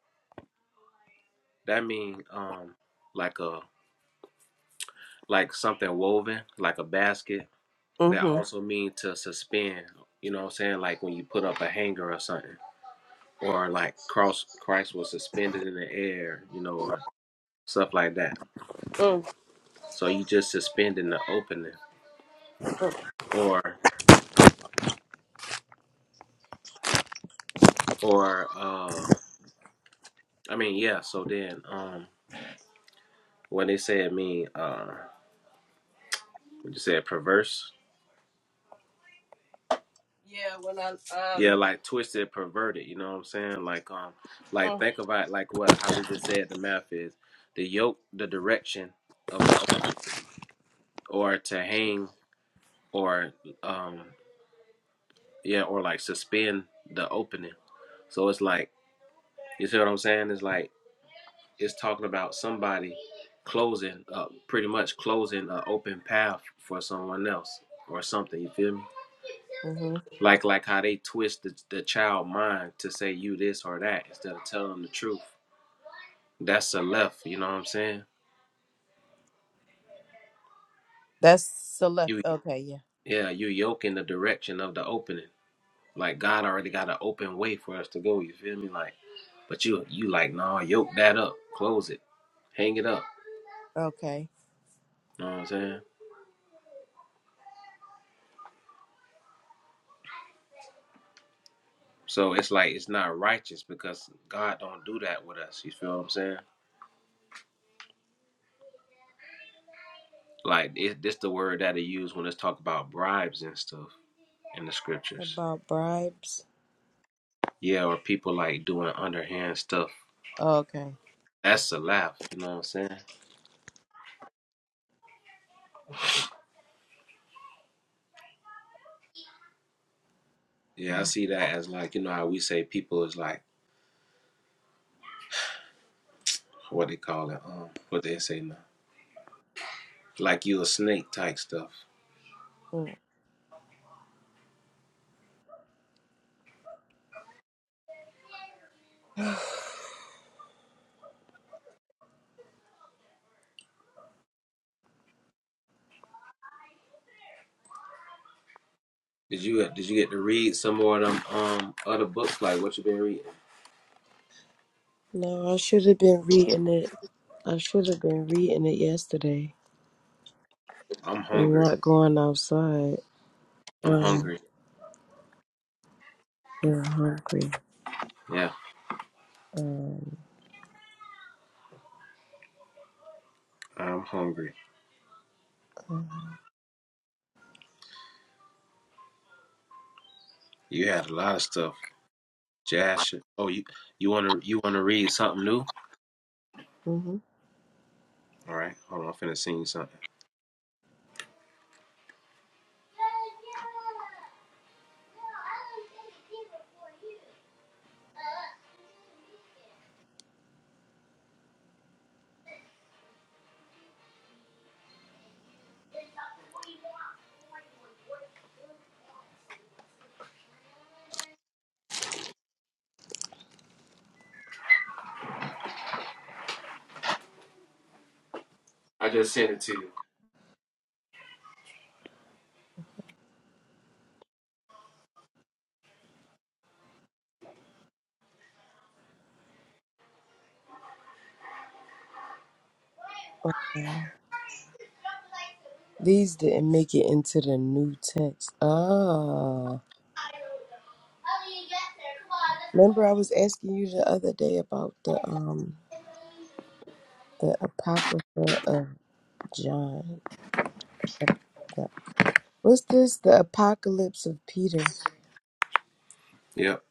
Speaker 5: that mean um like a like something woven like a basket. That
Speaker 4: Mm-hmm.
Speaker 5: also mean to suspend. You know what I'm saying? Like when you put up a hanger or something, or like cross Christ was suspended in the air. You know, or stuff like that.
Speaker 4: Mm,
Speaker 5: So you just suspending the opening,
Speaker 4: mm.
Speaker 5: or or uh, I mean yeah. So then um, when they say it mean uh, what you said perverse
Speaker 4: Yeah, when I
Speaker 5: Yeah,
Speaker 4: um
Speaker 5: like twisted, perverted. You know what I'm saying? Like, um, like
Speaker 4: mm.
Speaker 5: think about like what how we just said the math is the yoke, the direction of the oak, or to hang, or um, yeah, or like suspend the opening. So it's like you see what I'm saying? It's like it's talking about somebody closing, uh, pretty much closing an open path for someone else or something. You feel me?
Speaker 4: hmm
Speaker 5: Like like how they twist the, the child mind to say you this or that instead of telling them the truth. That's a left, you know what I'm saying?
Speaker 4: that's select
Speaker 5: You
Speaker 4: okay, yeah.
Speaker 5: yeah, you yoke in the direction of the opening. Like God already got an open way for us to go, you feel me? Like but you you like, nah, yoke that up, close it, hang it up.
Speaker 4: Okay.
Speaker 5: You know what I'm saying? So it's like it's not righteous because God don't do that with us. You feel what I'm saying? Like it, this the word that they use when it's talk about bribes and stuff in the scriptures.
Speaker 4: About bribes.
Speaker 5: Yeah, or people like doing underhand stuff.
Speaker 4: Okay.
Speaker 5: That's a laugh, you know what I'm saying? Yeah, I see that as like, you know how we say people is like what they call it, um, what they say now, like you a snake type stuff.
Speaker 4: Mm. (sighs)
Speaker 5: Did you did you get to read some more of them um other books? Like what you been reading?
Speaker 4: no, I should have been reading it. I should have been reading it yesterday
Speaker 5: I'm
Speaker 4: and
Speaker 5: hungry.
Speaker 4: not going outside.
Speaker 5: I'm
Speaker 4: Um,
Speaker 5: hungry.
Speaker 4: you're hungry.
Speaker 5: Yeah,
Speaker 4: Um,
Speaker 5: I'm hungry. You had a lot of stuff. Jash. Oh, you you wanna you wanna read something new?
Speaker 4: hmm
Speaker 5: All right, hold on. I'm finna send you something. I just sent it to you.
Speaker 4: These didn't make it into the new text. Ah, remember I was asking you the other day about the um the apocrypha of John. Uh, the- What's this? The apocalypse of Peter.
Speaker 5: Yep,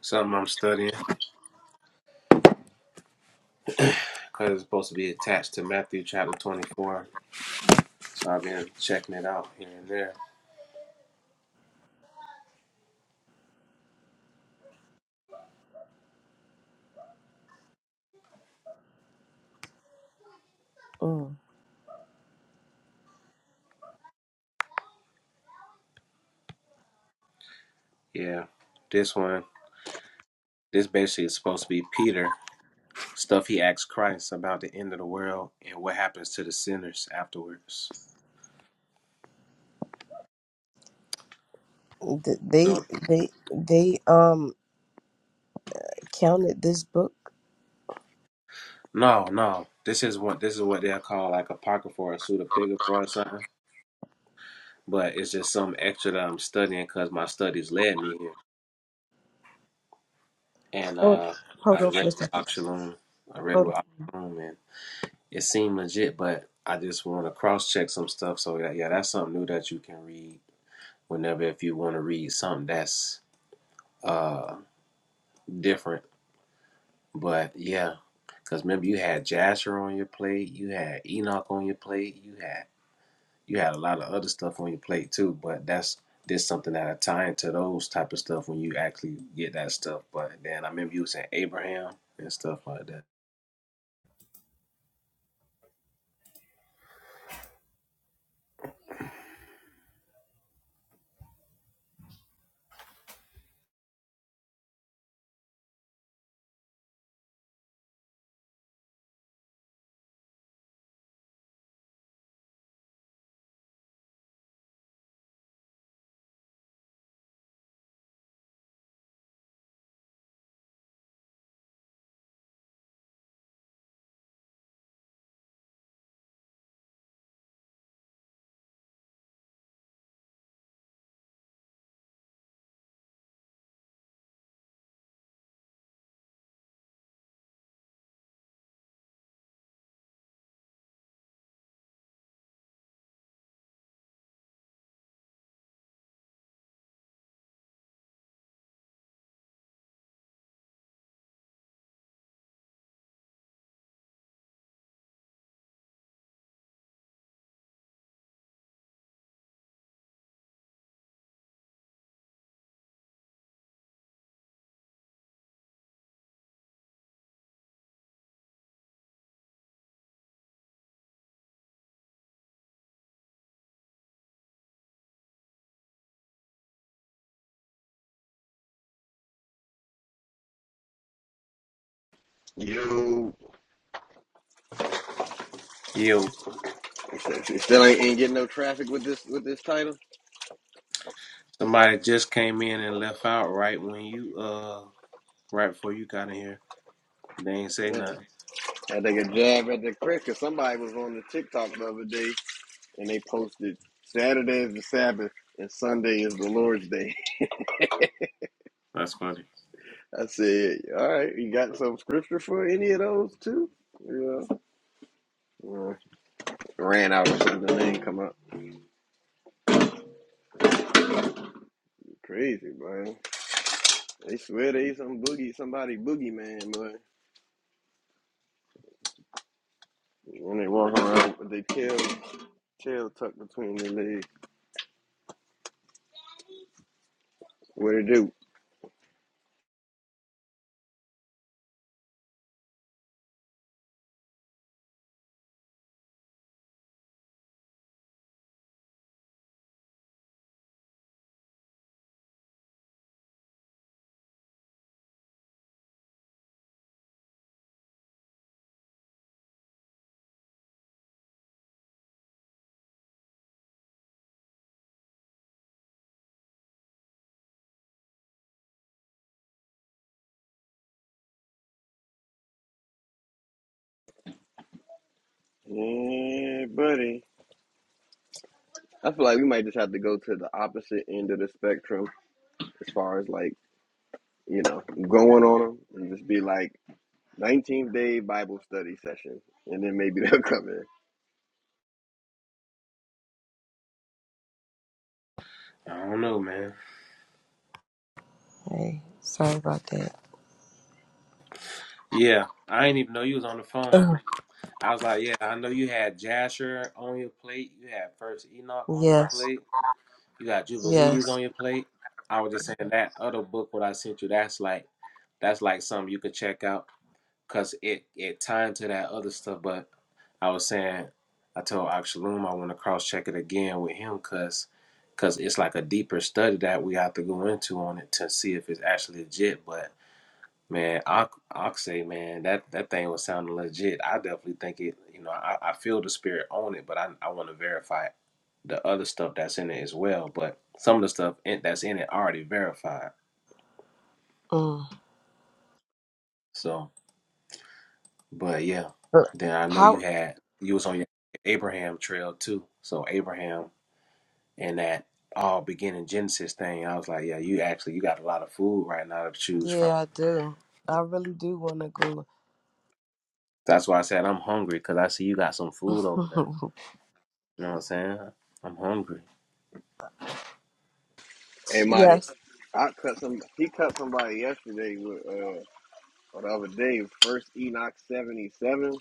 Speaker 5: something I'm studying because it's supposed to be attached to Matthew chapter 24. So I've been checking it out here and there.
Speaker 4: Mm.
Speaker 5: Yeah, this one. This basically is supposed to be Peter Stuff he asked Christ about the end of the world and what happens to the sinners afterwards.
Speaker 4: Th- They
Speaker 5: So
Speaker 4: they they um counted this book.
Speaker 5: no, no. This is what this is what they'll call like apocrypha or pseudepigrapha or something. But it's just some extra that I'm studying because my studies led me here. And
Speaker 4: Hold,
Speaker 5: uh
Speaker 4: hold
Speaker 5: I
Speaker 4: on
Speaker 5: read
Speaker 4: for a
Speaker 5: with
Speaker 4: second.
Speaker 5: Oxalum. I read
Speaker 4: Hold
Speaker 5: with
Speaker 4: on.
Speaker 5: Oxalum and it seemed legit, but I just want to cross check some stuff. So yeah, yeah, that's something new that you can read whenever if you want to read something that's uh different But yeah, because remember you had Jasher on your plate, you had Enoch on your plate, you had you had a lot of other stuff on your plate too. But that's this something that I tie into those type of stuff when you actually get that stuff. But then I remember you was saying Abraham and stuff like that.
Speaker 1: You
Speaker 5: Yo,
Speaker 1: (laughs) still ain't, ain't getting no traffic with this with this title.
Speaker 5: somebody just came in and left out right when you uh right before you got in here. They ain't say
Speaker 1: Yeah,
Speaker 5: nothing.
Speaker 1: I take a jab at the crick. Cause somebody was on the TikTok the other day and they posted Saturday is the Sabbath and Sunday is the Lord's Day.
Speaker 5: That's funny.
Speaker 1: (laughs) I said, all right, you got some scripture for any of those too? Yeah. Well, ran out or something. They ain't come up. Crazy, boy. They swear they some boogie, somebody boogeyman, boy. When they walk around with their tail, tail tucked between their legs. What it do? Yeah, buddy. I feel like we might just have to go to the opposite end of the spectrum as far as like, you know, going on them and just be like, 19th day Bible study session, and then maybe (laughs) they'll come in.
Speaker 5: I don't know, man.
Speaker 4: Hey, sorry about that.
Speaker 5: Yeah, I didn't even know you was on the phone.
Speaker 4: (clears throat)
Speaker 5: I was like, yeah, I know you had Jasher on your plate. You had First Enoch on your
Speaker 4: Yes.
Speaker 5: plate. You got Jubilees
Speaker 4: Yes.
Speaker 5: on your plate. I was just saying that other book what I sent you. That's like, that's like something you could check out because it it tied to that other stuff. But I was saying, I told Akshalum I want to cross check it again with him because cause it's like a deeper study that we have to go into on it to see if it's actually legit. But Man, Ox- Oxy, man, that, that thing was sounding legit. I definitely think it, you know, I, I feel the spirit on it, but I, I want to verify the other stuff that's in it as well. But some of the stuff in, that's in it already verified.
Speaker 4: Mm.
Speaker 5: So, but yeah,
Speaker 4: But
Speaker 5: then I know you
Speaker 4: How?
Speaker 5: had, you was on your Abraham trail too. So Abraham and that all beginning Genesis thing, I was like, yeah, you actually, you got a lot of food right now to choose
Speaker 4: Yeah,
Speaker 5: from.
Speaker 4: I do. I really do want to go.
Speaker 5: That's why I said I'm hungry because I see you got some food over there. You know what I'm saying? I'm hungry.
Speaker 1: Hey,
Speaker 4: (laughs)
Speaker 1: Marty,
Speaker 4: yes.
Speaker 1: I cut some. He cut somebody yesterday with uh, or the other day. First Enoch seventy seven,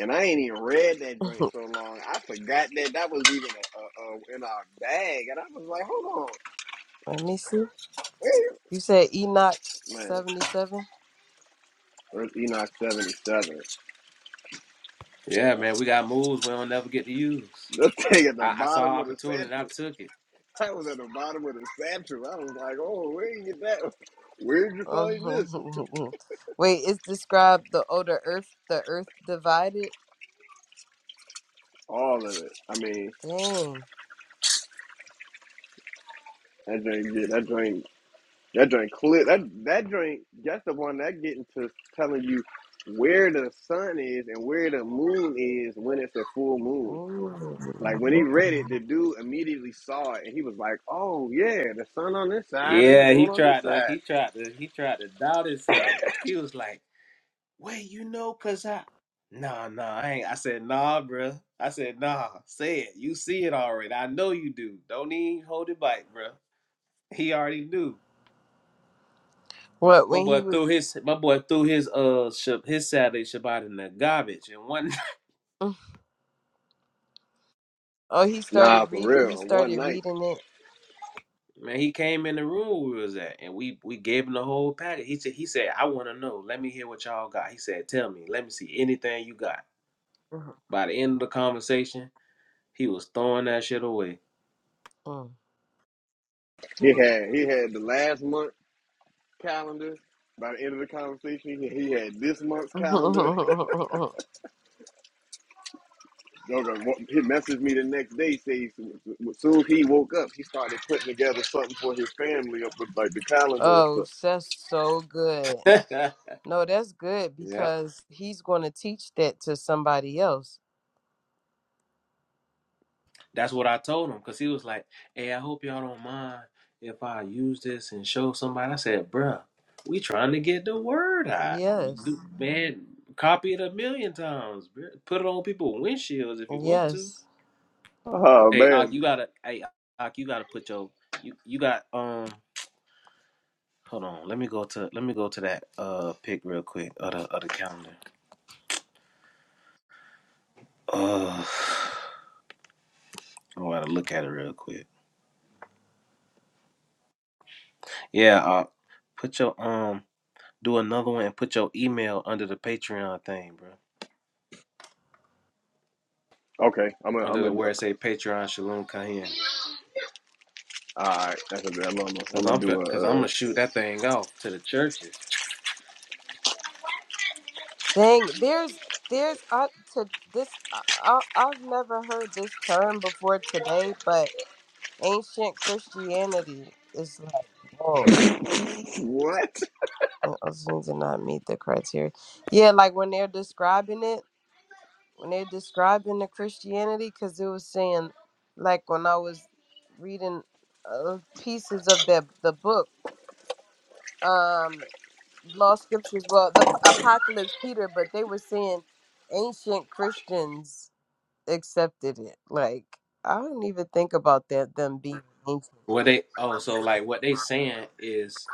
Speaker 1: and I ain't even read
Speaker 4: (laughs)
Speaker 1: that joint
Speaker 4: Let
Speaker 1: so long. I forgot that that was even a, a, a, in our bag, and I was like, hold on,
Speaker 4: me see. You said Enoch
Speaker 1: man.
Speaker 4: 77?
Speaker 1: First Enoch seventy seven. (laughs)
Speaker 5: Yeah, man, we got moves we don't never get to use.
Speaker 1: This thing at the
Speaker 5: I, I saw
Speaker 1: bottom of the
Speaker 5: opportunity and I
Speaker 1: satchel.
Speaker 5: took it.
Speaker 1: I was at the bottom of the satchel. I was like, oh, where you get that? (laughs) Where'd you find this?
Speaker 4: Mhm. (laughs) Wait, it's described the older earth, the earth divided?
Speaker 1: All of it. I mean.
Speaker 4: Dang.
Speaker 1: That drink, get that drink, that drink clear. That that drink, that's the one that getting to telling you where the sun is and where the moon is when it's a full moon.
Speaker 4: Ooh.
Speaker 1: Like when he read it, the dude immediately saw it and he was like, "Oh yeah, the sun on this side and the
Speaker 5: Yeah, he
Speaker 1: moon on this
Speaker 5: tried to
Speaker 1: side."
Speaker 5: he tried to he tried to doubt himself. He was like, Wait, you know, cause I nah nah I ain't I said nah bruh. I said nah, say it. You see it already. I know you do. Don't even hold it back, bruh. He already knew.
Speaker 4: What,
Speaker 5: My
Speaker 4: when
Speaker 5: boy
Speaker 4: he was.
Speaker 5: threw
Speaker 4: (laughs)
Speaker 5: his my boy threw his uh sh- his Saturday Shabbat in the garbage and one
Speaker 4: Mm. Oh, he
Speaker 1: Nah,
Speaker 4: started
Speaker 1: for
Speaker 4: reading. He
Speaker 1: real. On one
Speaker 4: started
Speaker 1: night,
Speaker 4: reading it.
Speaker 5: Man, he came in the room we was at, and we we gave him the whole package. He said, he said, I want to know. Let me hear what y'all got. He said, tell me. Let me see anything you got. By the end of the conversation, he was throwing that shit away.
Speaker 4: Mhm.
Speaker 1: he had he had the last month calendar. By the end of the conversation, he he had this month's
Speaker 4: Mm.
Speaker 1: calendar.
Speaker 4: (laughs)
Speaker 1: Joker, wa- he messaged me the next day. Say, as soon as he woke up, he started putting together something for his family up with like the calendar and
Speaker 4: oh,
Speaker 1: stuff.
Speaker 4: that's so good.
Speaker 5: (laughs) yep,
Speaker 4: No, that's good because he's going to teach that to somebody else.
Speaker 5: that's what I told him because he was like, hey, I hope y'all don't mind if I use this and show somebody. I said, bruh, we trying to get the word out. You
Speaker 4: Yes.
Speaker 5: do, man, copy it a million times. bruh. Put it on people's windshields if you want to.
Speaker 4: Yes.
Speaker 1: Oh
Speaker 5: Hey, Ak,
Speaker 1: man.
Speaker 5: you gotta. Hey, Ak, you gotta put your. You you got. Um, hold on. Let me go to. Let me go to that uh pic real quick. Of the of the calendar. Uh, I gotta look at it real quick. Yeah, Ak, put your um. Do another one and put your email under the Patreon thing, bro.
Speaker 1: Okay, i am gonna,
Speaker 5: Under
Speaker 1: I'm am all
Speaker 5: the
Speaker 1: I'm
Speaker 5: where it say Patreon Shalom Kahin.
Speaker 1: a. All right, that's a bad. I'm gonna I'm
Speaker 5: Cause
Speaker 1: gonna
Speaker 5: I'm fin-
Speaker 1: do
Speaker 5: cause I'm
Speaker 1: a. Uh,
Speaker 5: gonna shoot that thing off to the churches.
Speaker 4: Dang, there's there's I to this I, I I've never heard this term before today, but ancient Christianity is like, whoa.
Speaker 1: what?
Speaker 4: Muslims did not meet the criteria. Yeah, like when they're describing it, when they're describing the Christianity, because it was saying, like when I was reading uh, pieces of the the book, um. law scriptures, well, the p- apocalypse, Peter, but they were saying ancient Christians accepted it. Like, I didn't even think about that, them being ancient.
Speaker 5: What they oh so like what they saying is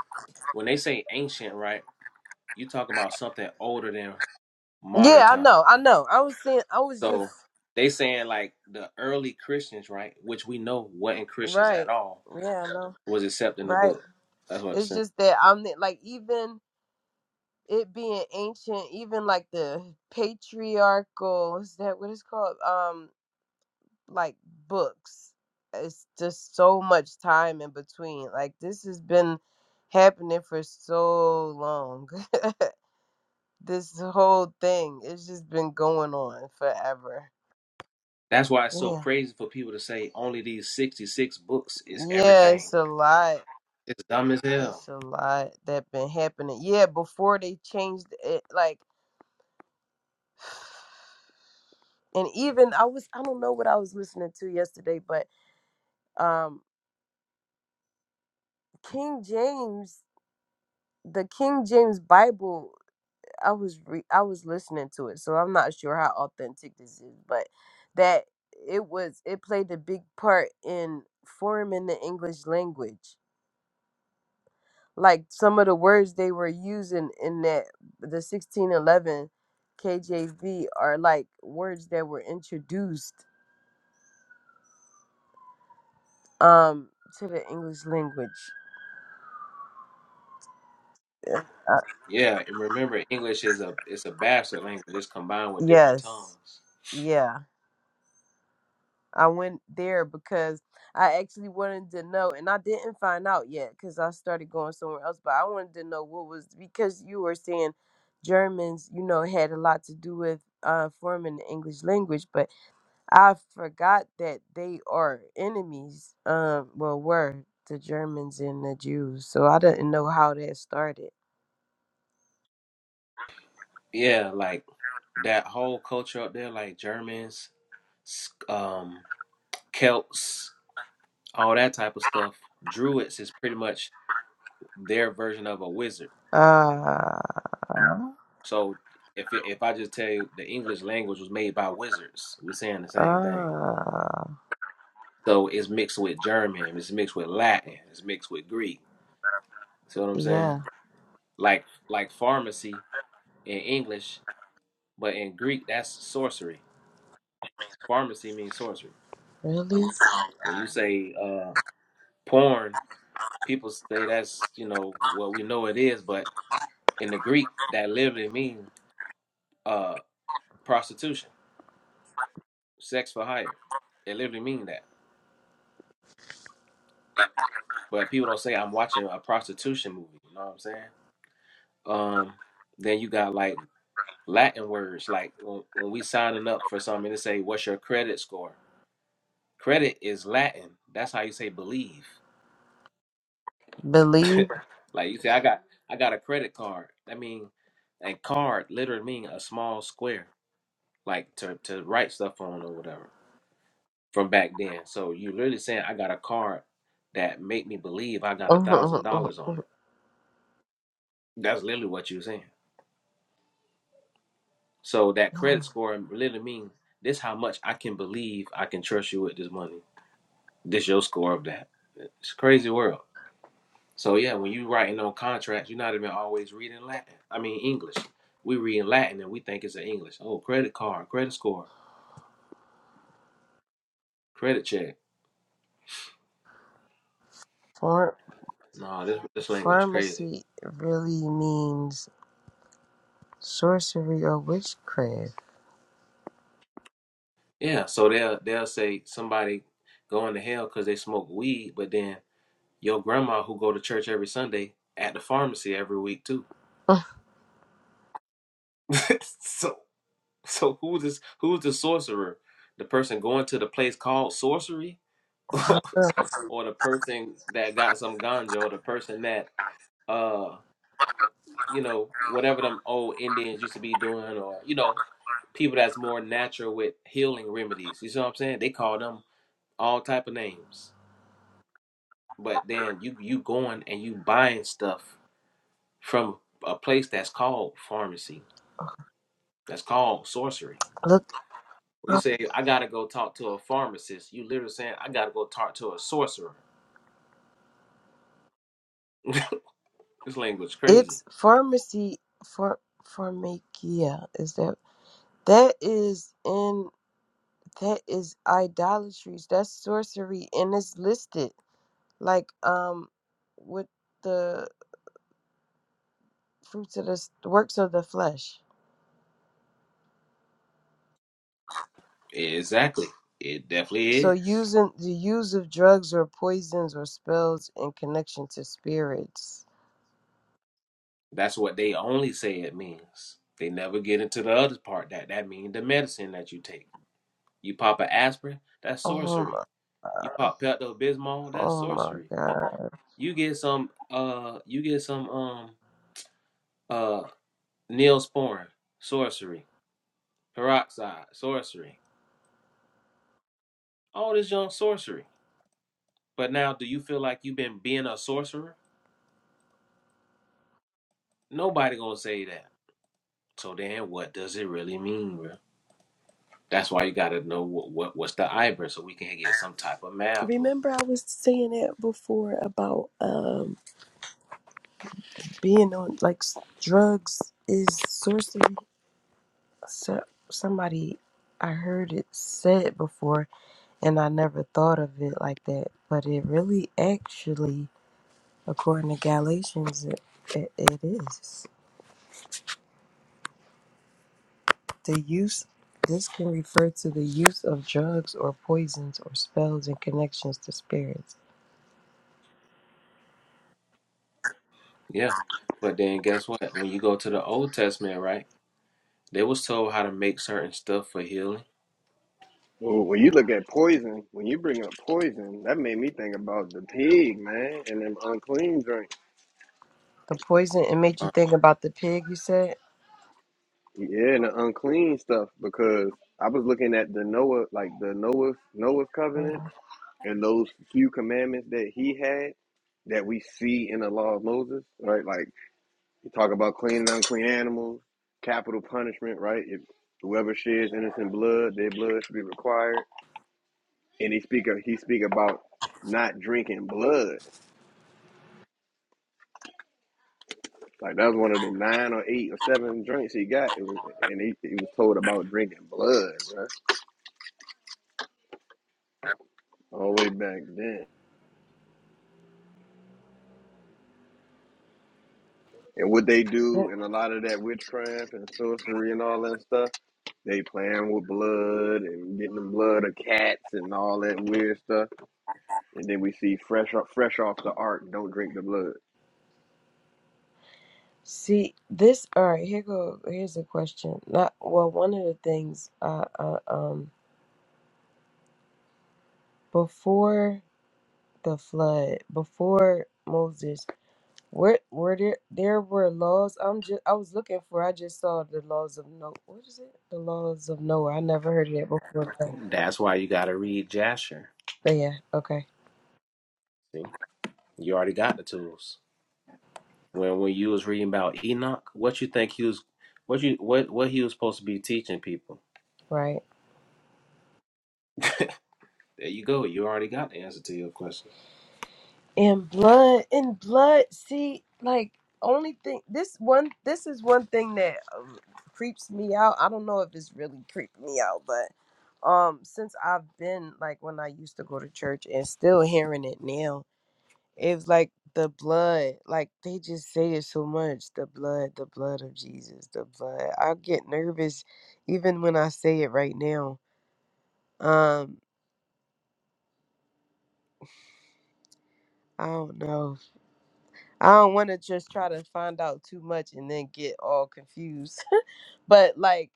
Speaker 5: when they say ancient right, you talk about something older than modern
Speaker 4: Yeah, I
Speaker 5: time.
Speaker 4: know, I know. I was saying, I was just,
Speaker 5: So they saying like the early Christians, right, which we know wasn't Christians
Speaker 4: right.
Speaker 5: at all,
Speaker 4: Yeah, I know.
Speaker 5: was accepting the
Speaker 4: Right.
Speaker 5: book. That's what it's
Speaker 4: It's
Speaker 5: saying.
Speaker 4: just that I'm the- like, even it being ancient, even like the patriarchal, is that what it's called? Um. like books. It's just so much time in between. Like this has been happening for so long. (laughs) this whole thing, it's just been going on forever.
Speaker 5: That's why it's so
Speaker 4: Yeah.
Speaker 5: crazy for people to say only these sixty six books is
Speaker 4: Yeah,
Speaker 5: everything.
Speaker 4: it's a lot.
Speaker 5: It's dumb as
Speaker 4: It's
Speaker 5: hell.
Speaker 4: a lot that been happening. Yeah, before they changed it, like, and even I was, I don't know what I was listening to yesterday, but um, King James, the King James Bible I was re- I was listening to it, so I'm not sure how authentic this is, but that it was it played a big part in forming the English language. Like some of the words they were using in that the 1611 KJV are like words that were introduced um to the English language. Uh,
Speaker 5: Yeah, and remember English is a it's a bastard language. It's combined with different
Speaker 4: yes.
Speaker 5: tongues.
Speaker 4: Yeah. I went there because I actually wanted to know, and I didn't find out yet because I started going somewhere else. But I wanted to know what was because you were saying Germans, you know, had a lot to do with uh, forming the English language, but I forgot that they are enemies. Um, well, were the Germans and the Jews, so I didn't know how that started.
Speaker 5: Yeah, like that whole culture up there, like Germans, um, Celts, all that type of stuff. Druids is pretty much their version of a wizard
Speaker 4: Ah, uh,
Speaker 5: So if if I just tell you the English language was made by wizards, we're saying the same thing.
Speaker 4: ah,
Speaker 5: So it's mixed with German, it's mixed with Latin, it's mixed with Greek. See what I'm saying?
Speaker 4: yeah,
Speaker 5: Like like pharmacy in English, but in Greek that's sorcery. Pharmacy means sorcery.
Speaker 4: really
Speaker 5: When you say uh, porn, people say that's you know what we know it is, but in the Greek that literally means uh, prostitution, sex for hire. It literally means that. but people don't say I'm watching a prostitution movie. You know what I'm saying? Um, then you got like Latin words, like when, when we signing up for something, they say, "What's your credit score?" Credit is Latin. That's how you say believe. (laughs)
Speaker 4: believe.
Speaker 5: like you say, I got I got a credit card. I mean, and card literally mean a small square, like to to write stuff on or whatever from back then. So you literally saying, I got a card that make me believe I got a thousand
Speaker 4: (laughs)
Speaker 5: dollars on it. That's literally what you're saying. So that credit score literally means this how much I can believe I can trust you with this money. This your score of that. It's a crazy world. So yeah, when you writing on contracts, you're not even always reading Latin. I mean English. We read Latin and we think it's an English. Oh, credit card, credit score, credit check.
Speaker 4: Form
Speaker 5: No, this this language crazy.
Speaker 4: Pharmacy really means sorcery or witchcraft.
Speaker 5: Yeah, so they'll they'll say somebody going to hell because they smoke weed, but then your grandma who go to church every Sunday at the pharmacy every week too. (laughs) so So who's this, who's the sorcerer? The person going to the place called sorcery, (laughs) or
Speaker 4: Uh,
Speaker 5: the person that got some ganjo, the person that uh you know whatever them old Indians used to be doing, or you know people that's more natural with healing remedies. You see what I'm saying? They call them all type of names. But then you you going and you buying stuff from a place that's called pharmacy, that's called sorcery.
Speaker 4: Look,
Speaker 5: When you
Speaker 4: up.
Speaker 5: say I gotta go talk to a pharmacist, you literally saying I gotta go talk to a sorcerer. (laughs) This language crazy.
Speaker 4: it's pharmacy for pharmakia. Is that that is in that is idolatry. That's sorcery, and it's listed like um with the fruits of the s- works of the flesh.
Speaker 5: Exactly. It definitely
Speaker 4: So
Speaker 5: is.
Speaker 4: using the use of drugs or poisons or spells in connection to spirits.
Speaker 5: That's what they only say it means. They never get into the other part that that means the medicine that you take. You pop an aspirin, that's
Speaker 4: Oh
Speaker 5: sorcery. You
Speaker 4: my,
Speaker 5: pop Pepto Bismol, that's
Speaker 4: oh my
Speaker 5: sorcery.
Speaker 4: God.
Speaker 5: You get some uh you get some um uh Neosporin, sorcery, peroxide, sorcery. All this junk sorcery. But now, do you feel like you've been being a sorcerer? Nobody gonna say that. So then, what does it really mean, bro? That's why you gotta know what, what what's the ivory, so we can get some type of math going.
Speaker 4: Remember, I was saying that before about um being on like s- drugs is sorcery. So somebody I heard it said before, and I never thought of it like that. But it really, actually, according to Galatians, it, it, it is the use. This can refer to the use of drugs or poisons or spells in connections to spirits.
Speaker 5: Yeah. But then, guess what? When you go to the Old Testament, right? They was told how to make certain stuff for healing.
Speaker 1: Oh, when you look at poison, when you bring up poison, that made me think about the pig, man, and them unclean drinks.
Speaker 4: The poison it made you
Speaker 5: Uh,
Speaker 4: think about the pig. You said.
Speaker 1: Yeah, and the unclean stuff because I was looking at the Noah, like the Noah's Noah's covenant.
Speaker 4: Uh,
Speaker 1: and those few commandments that he had that we see in the law of Moses, right? Like you talk about clean and unclean animals, capital punishment, right? If whoever sheds innocent blood, their blood should be required. And he speak of, he speak about not drinking blood. Like that was one of the nine or eight or seven drinks he got. It was, and he, he was told about drinking blood, right? All the way back then. And what they do and a lot of that witchcraft and sorcery and all that stuff They playing with blood and getting the blood of cats and all that weird stuff. And then we see fresh off, fresh off the ark, don't drink the blood.
Speaker 4: See this. All right, here go. Here's a question. Not well. One of the things, uh, uh, um, before the flood, before Moses, where were there there were laws. I'm just I was looking for. I just saw the laws of Noah. What is it? The laws of Noah. I never heard of that before. But,
Speaker 5: that's why you gotta read Jasher.
Speaker 4: but yeah, okay,
Speaker 5: See, you already got the tools. When when you was reading about Enoch, what you think he was, what you what what he was supposed to be teaching people?
Speaker 4: right.
Speaker 5: There you go. You already got the answer to your question.
Speaker 4: And blood and blood, see, like only thing this one this is one thing that um, creeps me out. I don't know if it's really creeping me out, but um since I've been like when I used to go to church and still hearing it now, it was like the blood, like they just say it so much, the blood, the blood of Jesus, the blood. I get nervous even when I say it right now. Um, I don't know. I don't want to just try to find out too much and then get all confused. (laughs) but like,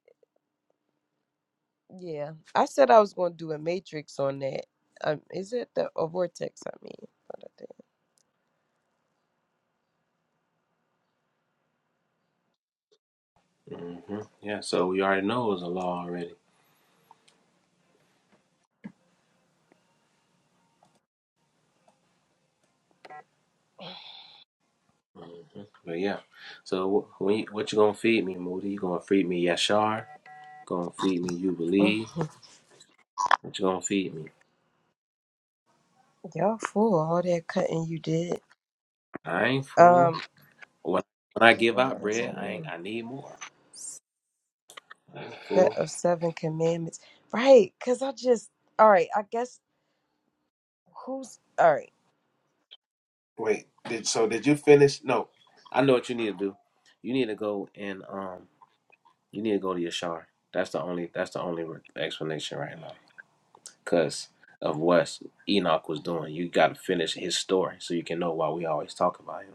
Speaker 4: yeah, I said I was going to do a matrix on that. Um, is it the a vortex? I mean,
Speaker 5: hmm Yeah, so we already know it was a law already. hmm But yeah, so wh- when you, what you gonna feed me, Moody? You gonna feed me Yashar? Gonna feed me You
Speaker 4: What I
Speaker 5: Believe? What you gonna feed me?
Speaker 4: did. (sighs) y'all fool all that cutting you did.
Speaker 5: I ain't full.
Speaker 4: Um,
Speaker 5: When, when I give
Speaker 4: seven
Speaker 5: out
Speaker 4: lives
Speaker 5: bread,
Speaker 4: on
Speaker 5: I ain't, I need more.
Speaker 4: Earth,
Speaker 5: I ain't
Speaker 4: set
Speaker 5: full.
Speaker 4: of seven commandments, right? Cause I just all right. I guess who's all right?
Speaker 5: Wait, did so? Did you finish? No, I know what you need to do. You need to go and um, you need to go to Yashar. That's the only. That's the only re- explanation right now. because of what Enoch was doing. You got to finish his story so you can know why we always talk about him.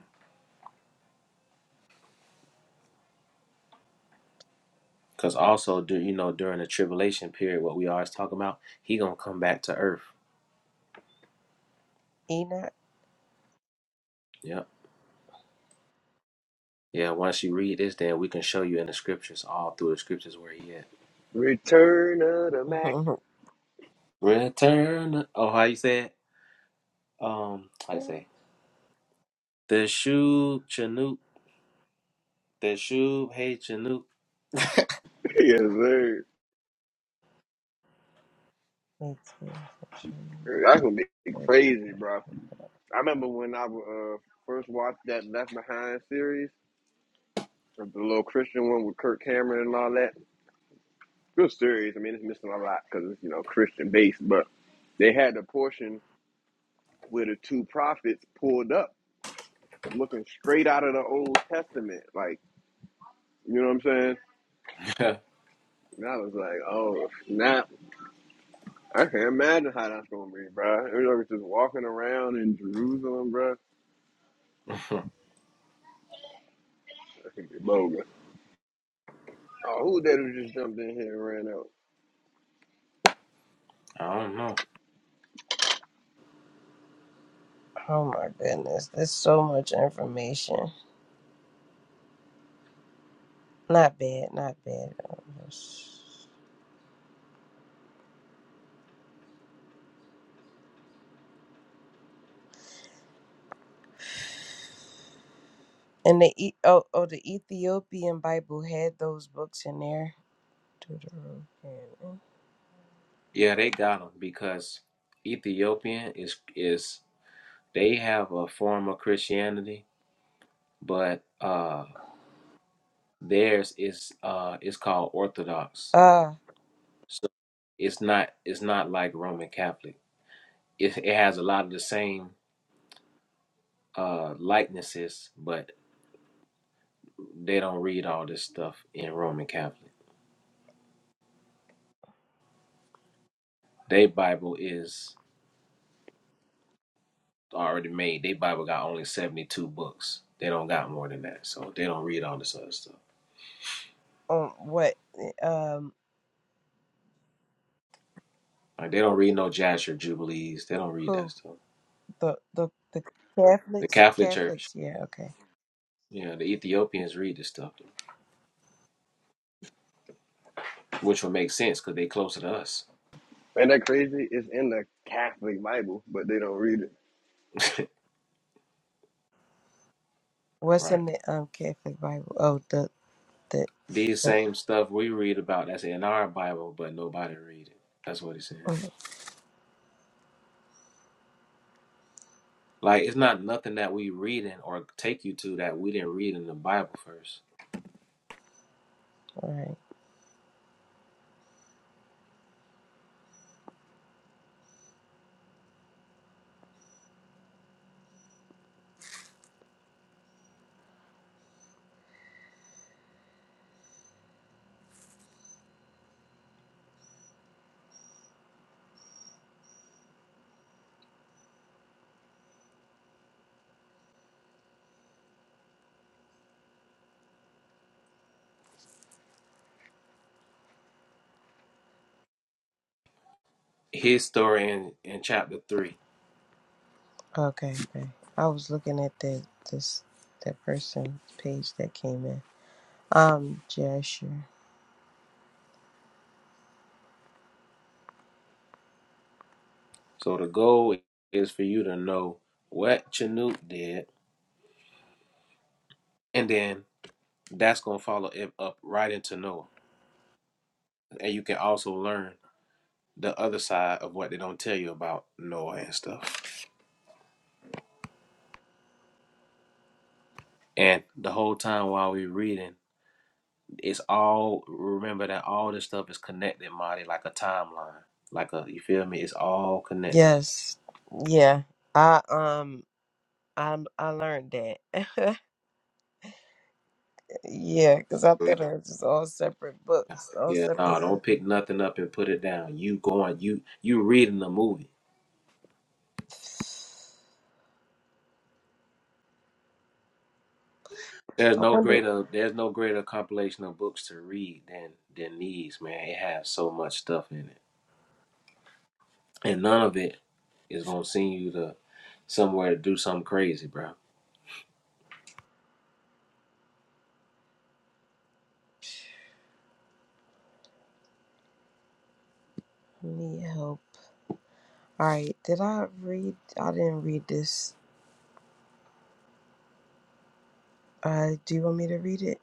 Speaker 5: Because also, do you know during the tribulation period, what we always talk about, he gonna come back to earth.
Speaker 4: Enoch.
Speaker 5: Yeah, Yeah. Once you read this, then we can show you in the scriptures, all through the scriptures, where he at.
Speaker 1: Return of the
Speaker 4: (laughs)
Speaker 1: Mac.
Speaker 4: Eighteenth
Speaker 5: Return. Oh, how you say it? Um, how you say? The shoe Chanuk, The shoe. Hey Chanuk.
Speaker 1: (laughs) yes, sir.
Speaker 4: century.
Speaker 1: That's gonna be crazy, bro. I remember when I uh, first watched that Left Behind series, the little Christian one with Kirk Cameron and all that. Good series. I mean, it's missing a lot because it's you know Christian based, but they had the portion where the two prophets pulled up, looking straight out of the Old Testament, like You know what I'm saying?
Speaker 5: (laughs)
Speaker 1: And I was like, oh, snap. I can't imagine how that's going to be, bro. It was like just walking around in Jerusalem, bro.
Speaker 5: I
Speaker 1: That could be bogus. Oh, who that who just jumped in here and ran out?
Speaker 5: don't know.
Speaker 4: Oh my goodness, there's so much information. Not bad, not bad. Um, And the e- oh oh the Ethiopian Bible had those books in there. Deuterocanon.
Speaker 5: Yeah, they got him because Ethiopian is is They have a form of Christianity, but uh, theirs is uh, is called Orthodox.
Speaker 4: Uh,
Speaker 5: So it's not it's not like Roman Catholic. It, it has a lot of the same uh, likenesses, but they don't read all this stuff in Roman Catholic. Their Bible is already made. Their Bible got only seventy two books. They don't got more than that, so they don't read all this other stuff.
Speaker 4: um, what? Um,
Speaker 5: Like they don't read no Jasher Jubilees. They don't read that
Speaker 4: who?
Speaker 5: stuff.
Speaker 4: The the the
Speaker 5: The
Speaker 4: Catholics?
Speaker 5: Catholic Church,
Speaker 4: Catholics? Yeah, okay.
Speaker 5: you know, the Ethiopians read this stuff. which would make sense because they closer to us,
Speaker 1: Ain't that crazy? It's in the Catholic Bible, but they don't read it.
Speaker 4: What's
Speaker 5: right?
Speaker 4: in the um Catholic Bible? Oh, the the.
Speaker 5: These same stuff we read about that's in our Bible, but nobody read it. That's what he's saying. Like it's not nothing that we reading or take you to that we didn't read in the Bible first.
Speaker 4: All right.
Speaker 5: His story in, in chapter three.
Speaker 4: Okay, okay. I was looking at the this that person page that came in. Um, Jasher.
Speaker 5: So the goal is for you to know what Chanute did, and then that's gonna follow it up right into Noah. And you can also learn the other side of what they don't tell you about Noah and stuff. And the whole time while we reading it's all remember that all this stuff is connected, Marty, like a timeline. Like a you feel me? It's all connected.
Speaker 4: Yes. Yeah. I um. I I learned that. (laughs) Yeah, because I
Speaker 5: Yeah,
Speaker 4: thought it was just all separate books, all
Speaker 5: yeah.
Speaker 4: separate.
Speaker 5: No, don't pick nothing up and put it down. You going you you reading the movie. There's
Speaker 4: (sighs) I
Speaker 5: no
Speaker 4: wonder.
Speaker 5: greater there's no greater compilation of books to read than than these, man. It has so much stuff in it. And none of it is gonna send you to somewhere to do something crazy, bro.
Speaker 4: Need help. All right. Did I read? I didn't read this. Uh, do you want me to read it?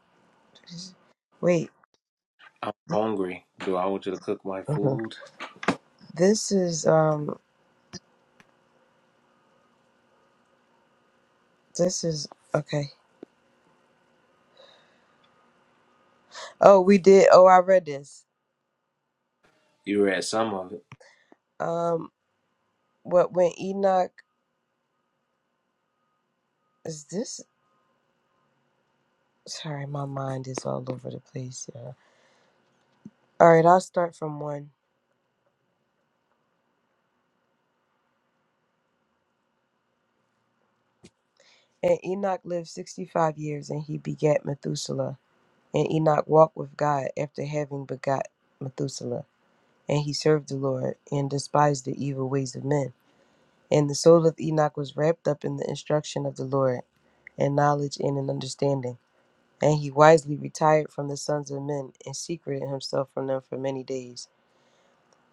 Speaker 4: Is- Wait.
Speaker 5: I'm hungry. Do I want you to cook my
Speaker 4: Mhm.
Speaker 5: food?
Speaker 4: This is um. This is okay. Oh, we did. Oh, I read this.
Speaker 5: You read some of it.
Speaker 4: Um, what when Enoch is this? Sorry, my mind is all over the place. Yeah. All right. I'll start from one. And Enoch lived sixty five years, and he begat Methuselah. And Enoch walked with God after having begot Methuselah. And he served the Lord, and despised the evil ways of men. And the soul of Enoch was wrapped up in the instruction of the Lord, and knowledge and in understanding. And he wisely retired from the sons of men, and secreted himself from them for many days.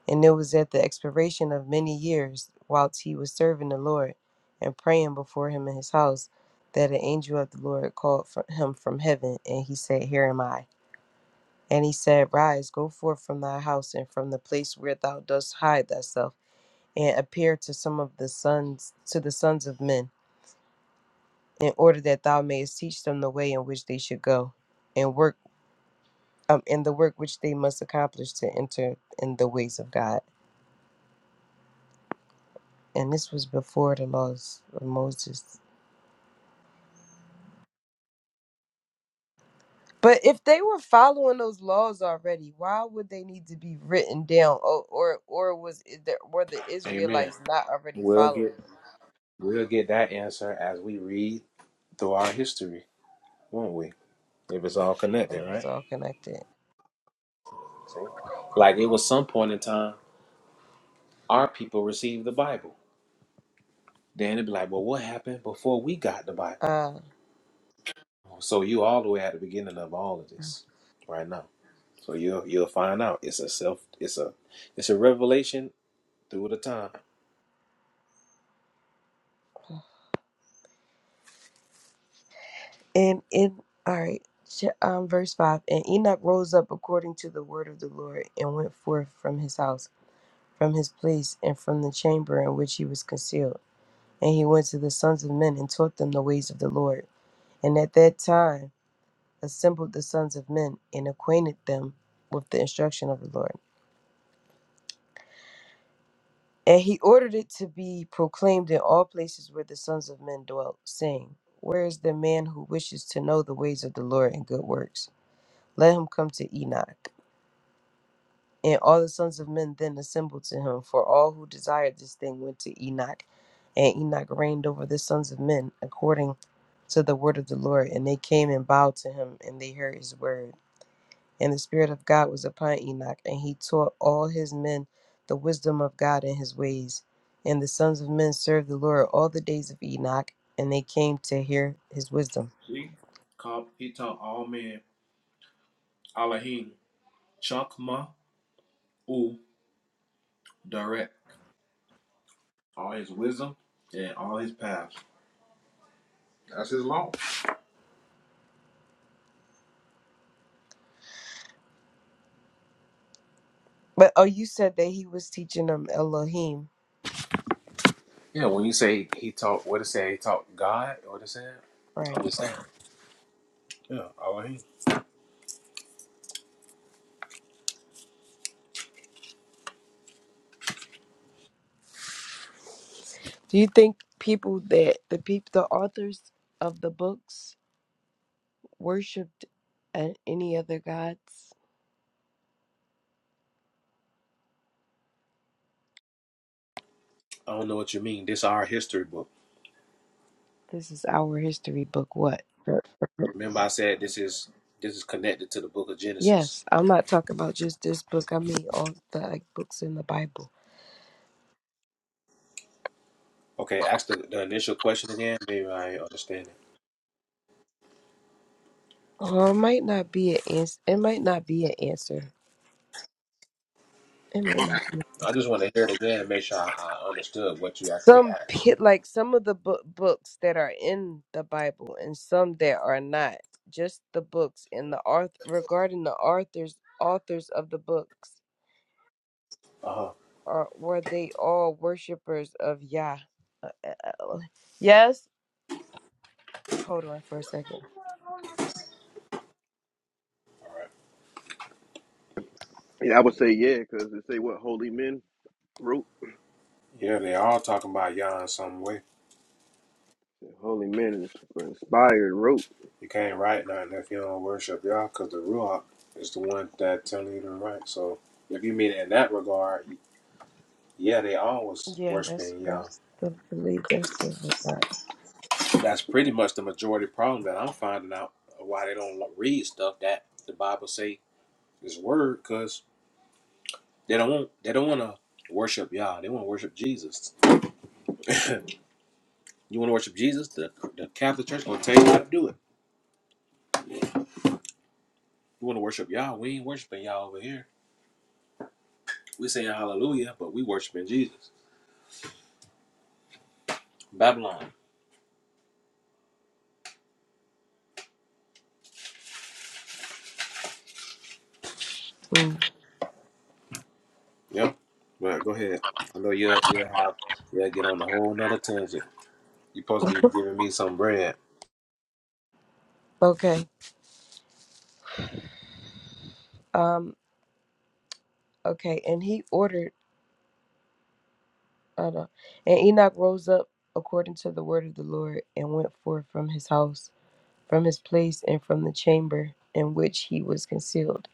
Speaker 4: And it was at the expiration of many years, whilst he was serving the Lord and praying before him in his house, that an angel of the Lord called for him from heaven, and he said, Here am I. And he said, Rise, go forth from thy house and from the place where thou dost hide thyself, and appear to some of the sons to the sons of men, in order that thou mayest teach them the way in which they should go, and work um, and the work which they must accomplish to enter in the ways of God. and this was before the laws of Moses. But if they were following those laws already, why would they need to be written down? Or or, or was is there were the
Speaker 5: Amen.
Speaker 4: Israelites not already
Speaker 5: We'll get.
Speaker 4: following them?
Speaker 5: We'll get that answer as we read through our history, won't we? If it's all
Speaker 4: It
Speaker 5: connected,
Speaker 4: was
Speaker 5: right?
Speaker 4: all connected.
Speaker 5: See? Like it was some point in time, our people received the Bible. Then it'd be like, well, what happened before we got the Bible?
Speaker 4: Uh,
Speaker 5: So you all the way at the beginning of all of this, right now. So you'll you'll find out. It's a self. It's a it's a revelation through the time.
Speaker 4: and in all right, ch- um, verse five. And Enoch rose up according to the word of the Lord and went forth from his house, from his place, and from the chamber in which he was concealed. And he went to the sons of men and taught them the ways of the Lord. And at that time assembled the sons of men and acquainted them with the instruction of the Lord. And he ordered it to be proclaimed in all places where the sons of men dwelt, saying, Where is the man who wishes to know the ways of the Lord and good works? Let him come to Enoch. And all the sons of men then assembled to him, for all who desired this thing went to Enoch. And Enoch reigned over the sons of men according to the word of the Lord. And they came and bowed to him, and they heard his word. And the Spirit of God was upon Enoch, and he taught all his men the wisdom of God and his ways. And the sons of men served the Lord all the days of Enoch, and they came to hear his wisdom.
Speaker 5: See? Called he taught all men Elohim, Chokma U Direct. All his wisdom and all his paths. That's his law.
Speaker 4: But oh, you said that he was teaching them Elohim,
Speaker 5: Yeah, when you say he taught, what it say? He taught God, what it say? I'm
Speaker 4: right?
Speaker 5: just saying. Yeah, all right.
Speaker 4: Do you think people that the people the authors of the books worshipped a- any other gods?
Speaker 5: I don't know what you mean. This is our history book.
Speaker 4: This is our history book. What? Sure.
Speaker 5: Remember, I said this is this is connected to the book of Genesis.
Speaker 4: Yes, I'm not talking about just this book. I mean all the like books in the Bible.
Speaker 5: Okay, ask the, the initial question again. Maybe I ain't understand it.
Speaker 4: Oh, it might not be an answer. It might not be an answer. It might not be.
Speaker 5: I just want to hear it again. and Make sure I, I understood what you actually
Speaker 4: Some
Speaker 5: asked.
Speaker 4: pit like some of the book books that are in the Bible and some that are not. Just the books and the author regarding the authors authors of the books
Speaker 5: Uh huh.
Speaker 4: are were they all worshipers of Yah? Uh, uh, uh, Yes. Hold on for a second.
Speaker 1: Yeah, I would say yeah, because they say what holy men wrote.
Speaker 5: Yeah, they all talking about Yah in some way.
Speaker 1: Holy men is inspired wrote.
Speaker 5: You can't write nothing if you don't worship Yah, because the Ruach is the one that telling you to write. So if you mean it in that regard, Yeah, they always was
Speaker 4: Yeah, that's
Speaker 5: worshiping Yah.
Speaker 4: that's the belief. That's the regard.
Speaker 5: That's pretty much the majority problem that I'm finding out uh, why they don't read stuff that the Bible say is word, cause they don't want they don't want to worship Yah. They want to worship Jesus. You want to worship Jesus? The the Catholic Church gonna tell you how to do it. You want to worship Yah? We ain't worshiping Yah over here. We saying Hallelujah, but we worshiping Jesus. Babylon.
Speaker 4: Mm.
Speaker 5: Yep. Right. Go ahead. I know you'll you'll have you'll get on a whole nother tangent. You supposed to be giving me some bread.
Speaker 4: Okay. Um. Okay. And he ordered. I know. And Enoch rose up according to the word of the Lord and went forth from his house, from his place, and from the chamber in which he was concealed.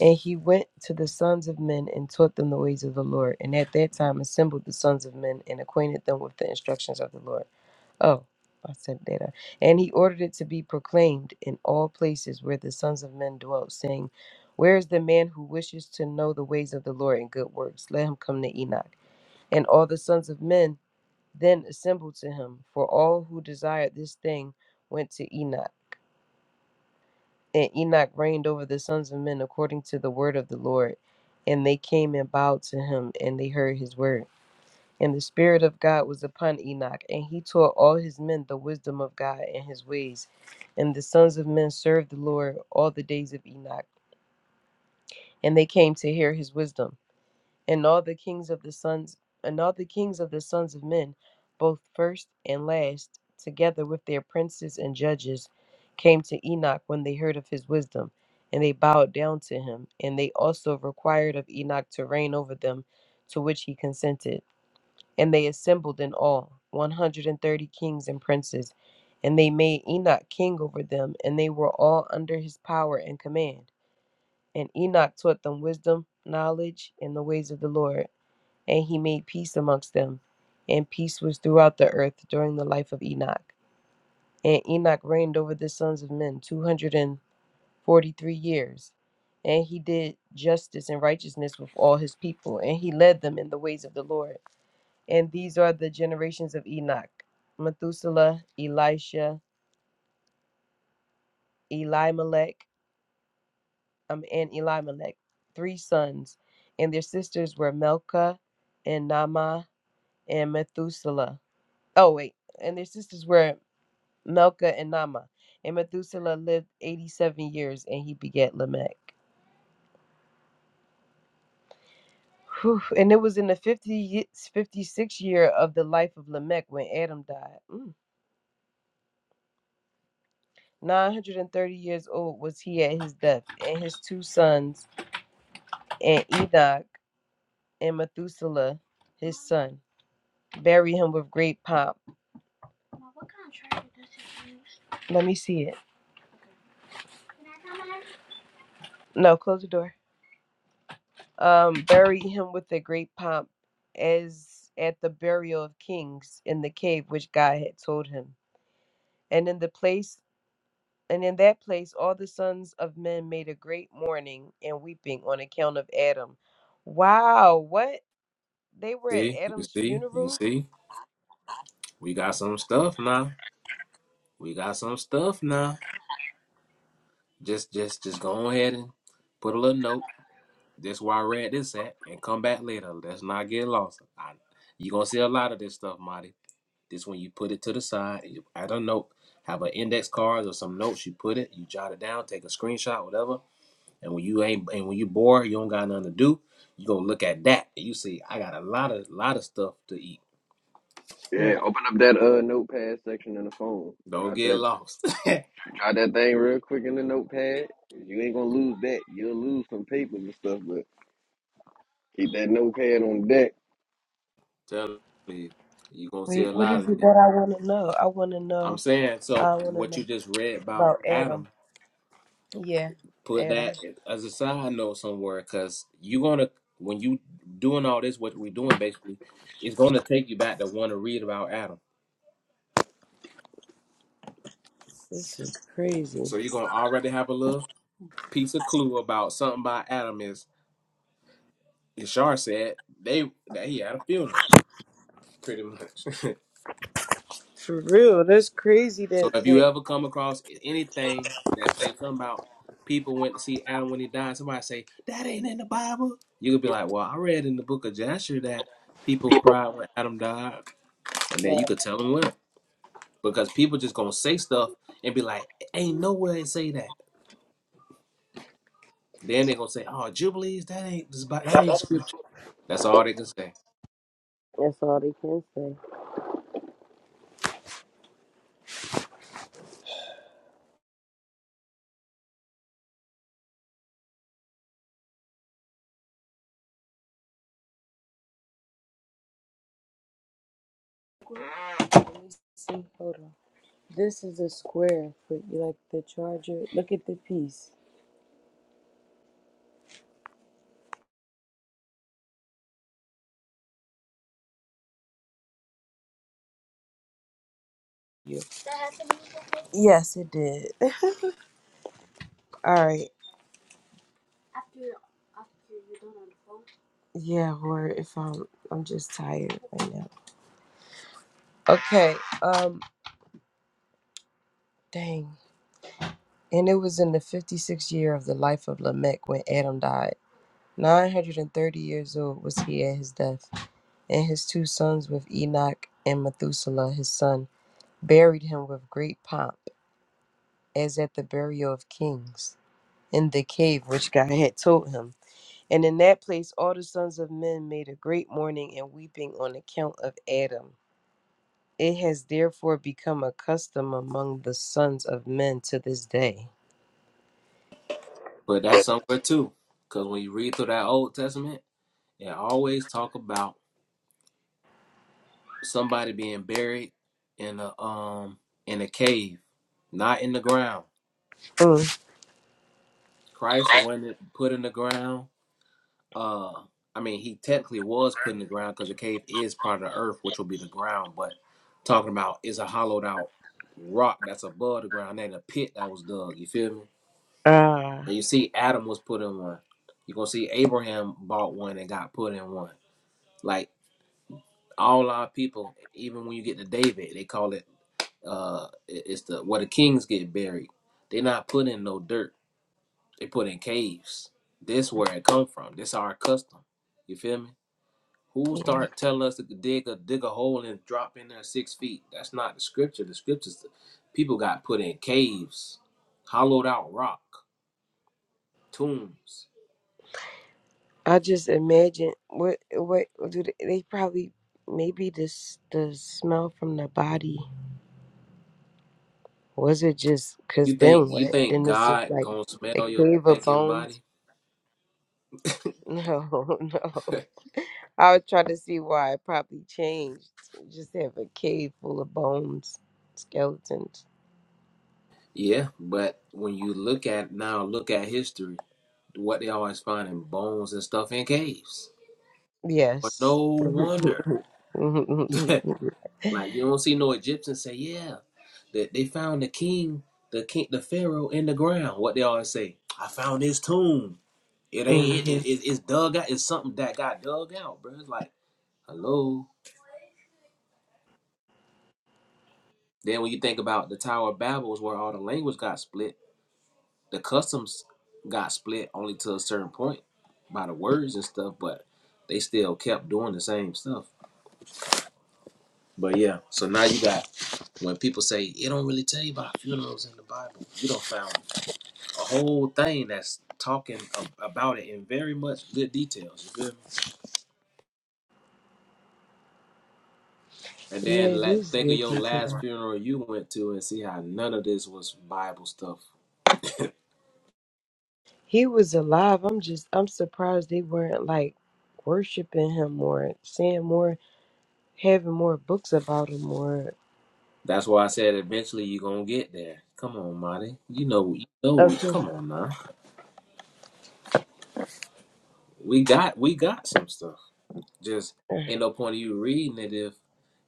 Speaker 4: And he went to the sons of men and taught them the ways of the Lord. And at that time assembled the sons of men and acquainted them with the instructions of the Lord. Oh, I said that. uh, And he ordered it to be proclaimed in all places where the sons of men dwelt, saying, Where is the man who wishes to know the ways of the Lord and good works? Let him come to Enoch. And all the sons of men then assembled to him, for all who desired this thing went to Enoch. And Enoch reigned over the sons of men according to the word of the Lord. And they came and bowed to him, and they heard his word. And the Spirit of God was upon Enoch, and he taught all his men the wisdom of God and his ways. And the sons of men served the Lord all the days of Enoch, and they came to hear his wisdom. and all the kings of the sons and all the kings of the sons of men, both first and last, together with their princes and judges, came to Enoch when they heard of his wisdom, and they bowed down to him, and they also required of Enoch to reign over them, to which he consented. And they assembled in all one hundred and thirty kings and princes, and they made Enoch king over them, and they were all under his power and command. And Enoch taught them wisdom, knowledge, and the ways of the Lord and he made peace amongst them. And peace was throughout the earth during the life of Enoch. And Enoch reigned over the sons of men 243 years. And he did justice and righteousness with all his people, and he led them in the ways of the Lord. And these are the generations of Enoch Methuselah, Elisha, Elimelech, um, and Elimelech, three sons. And their sisters were Melchah, and Nama, and Methuselah. Oh, wait. And their sisters were Melka and Nama. And Methuselah lived 87 years and he begat Lamech. Whew. And it was in the 50, fifty-sixth year of the life of Lamech when Adam died. Mm. 930 years old was he at his death, and his two sons, and Enoch and Methuselah, his son, bury him with great pomp. Let me see it. No, close the door. Um, bury him with a great pomp as at the burial of kings in the cave which God had told him. And in the place and in that place all the sons of men made a great mourning and weeping on account of Adam. Wow, what? They were at
Speaker 5: See, you
Speaker 4: Adam's
Speaker 5: see, you
Speaker 4: funeral?
Speaker 5: see, we got some stuff now. We got some stuff now. Just, just, just go ahead and put a little note. That's where I read this at, and come back later. Let's not get lost. I, you gonna see a lot of this stuff, Marty. This when you put it to the side, and you add a note, have an index card or some notes. You put it, you jot it down, take a screenshot, whatever. And when you ain't, and when you bored, you don't got nothing to do. You gonna look at that, and you see, I got a lot of, lot of stuff to eat.
Speaker 4: Yeah.
Speaker 1: Yeah, open up that uh notepad section in the phone.
Speaker 5: Don't
Speaker 1: Got
Speaker 5: get
Speaker 1: that
Speaker 5: lost. (laughs)
Speaker 1: Try that thing real quick in the notepad. You ain't gonna lose that. You'll lose some papers and stuff, but Keep that notepad on deck.
Speaker 5: Tell you, you're gonna see
Speaker 4: Wait,
Speaker 5: a
Speaker 4: what
Speaker 5: lot
Speaker 4: is
Speaker 5: of
Speaker 4: it
Speaker 5: this.
Speaker 4: that I want to know? I want to
Speaker 5: I'm
Speaker 4: know.
Speaker 5: saying so.
Speaker 4: I want to
Speaker 5: What you
Speaker 4: know
Speaker 5: just read about
Speaker 4: about Adam.
Speaker 5: Adam,
Speaker 4: Yeah,
Speaker 5: put
Speaker 4: Adam.
Speaker 5: that as a side note somewhere, because you're gonna when you doing all this, what we're doing basically, it's gonna take you back to want to read about Adam.
Speaker 4: This is crazy.
Speaker 5: So you're gonna already have a little piece of clue about something by Adam. Is Yashar said they that he had a funeral, pretty much. (laughs)
Speaker 4: For real, that's crazy
Speaker 5: So
Speaker 4: that
Speaker 5: if you
Speaker 4: that,
Speaker 5: ever come across anything that say something about people went to see Adam when he died, somebody say that ain't in the Bible, you could be like, well, I read in the book of Joshua that people cried when Adam died, and then you
Speaker 4: that
Speaker 5: could tell them when because people just gonna say stuff and be like, ain't nowhere it say that. Then they gonna say, oh, Jubilees, that ain't that ain't scripture. That's all they can say.
Speaker 4: that's all they can say. Let me see. Hold on. This is a square for like the charger. Look at the piece. Yes, it did. (laughs) All right. Yeah, or if I'm I'm just tired right now. Okay. Um dang. And it was in the 56th year of the life of Lamech when Adam died. 930 years old was he at his death, and his two sons with Enoch and Methuselah his son buried him with great pomp, as at the burial of kings, in the cave which God had told him. And in that place all the sons of men made a great mourning and weeping on account of Adam. It has therefore become a custom among the sons of men to this day.
Speaker 5: But that's somewhere too, because when you read through that Old Testament, it always talk about somebody being buried in a um in a cave, not in the ground.
Speaker 4: Mm.
Speaker 5: Christ wasn't put in the ground. Uh, I mean, he technically was put in the ground because the cave is part of the earth, which will be the ground. But talking about is a hollowed out rock that's above the ground, and a pit that was dug. You feel me?
Speaker 4: Ah,
Speaker 5: And you see, Adam was put in one. You gonna see Abraham bought one and got put in one. Like all our people, even when you get to David, they call it Uh, it- it's the where the kings get buried. They not put in no dirt. They put in caves. This where it come from. This our custom. You feel me? Who
Speaker 4: yeah.
Speaker 5: start telling us to dig a dig a hole and drop in there six feet? That's not the scripture. The scriptures, people got put in caves, hollowed out rock, tombs.
Speaker 4: I just imagine what what do they, they probably maybe this the smell from the body was it just
Speaker 5: You
Speaker 4: because
Speaker 5: think
Speaker 4: then
Speaker 5: you
Speaker 4: what
Speaker 5: think
Speaker 4: then it's just
Speaker 5: God
Speaker 4: like
Speaker 5: gonna
Speaker 4: a
Speaker 5: smell your
Speaker 4: cave of
Speaker 5: thinking
Speaker 4: bones.
Speaker 5: body?
Speaker 4: No, (laughs) no. I was trying to see why it probably changed. Just have a cave full of bones, skeletons.
Speaker 5: Yeah, but when you look at now, look at history, what they always find in bones and stuff in caves. Well, no
Speaker 4: Yes.
Speaker 5: wonder. (laughs)
Speaker 4: (laughs)
Speaker 5: like you don't see no Egyptians say, yeah, that they found the king, the king, the pharaoh in the ground. What they always say, I found his tomb. It ain't it,
Speaker 4: hmm
Speaker 5: it, it's dug out. It's something that got dug out, bro. It's like hello. Then when you think about the Tower of Babel is where all the language got split, the customs got split only to a certain point by the words and stuff, but they still kept doing the same stuff. But yeah, so now you got when people say it don't really tell you about funerals in the Bible, you don't found a whole thing that's talking a- about it in very much good details. You feel me? And
Speaker 4: Yeah,
Speaker 5: then
Speaker 4: it
Speaker 5: la
Speaker 4: is
Speaker 5: think of
Speaker 4: good
Speaker 5: your
Speaker 4: deacon.
Speaker 5: last funeral you went to and see how none of this was Bible stuff.
Speaker 4: He was alive. I'm just I'm surprised they weren't like worshiping him more, saying more, having more books about him or
Speaker 5: That's why I said eventually you're gonna get there. Come on, Marty. You know, you know.
Speaker 4: okay.
Speaker 5: Come on now. We got we got some stuff. Just ain't no point of you reading it if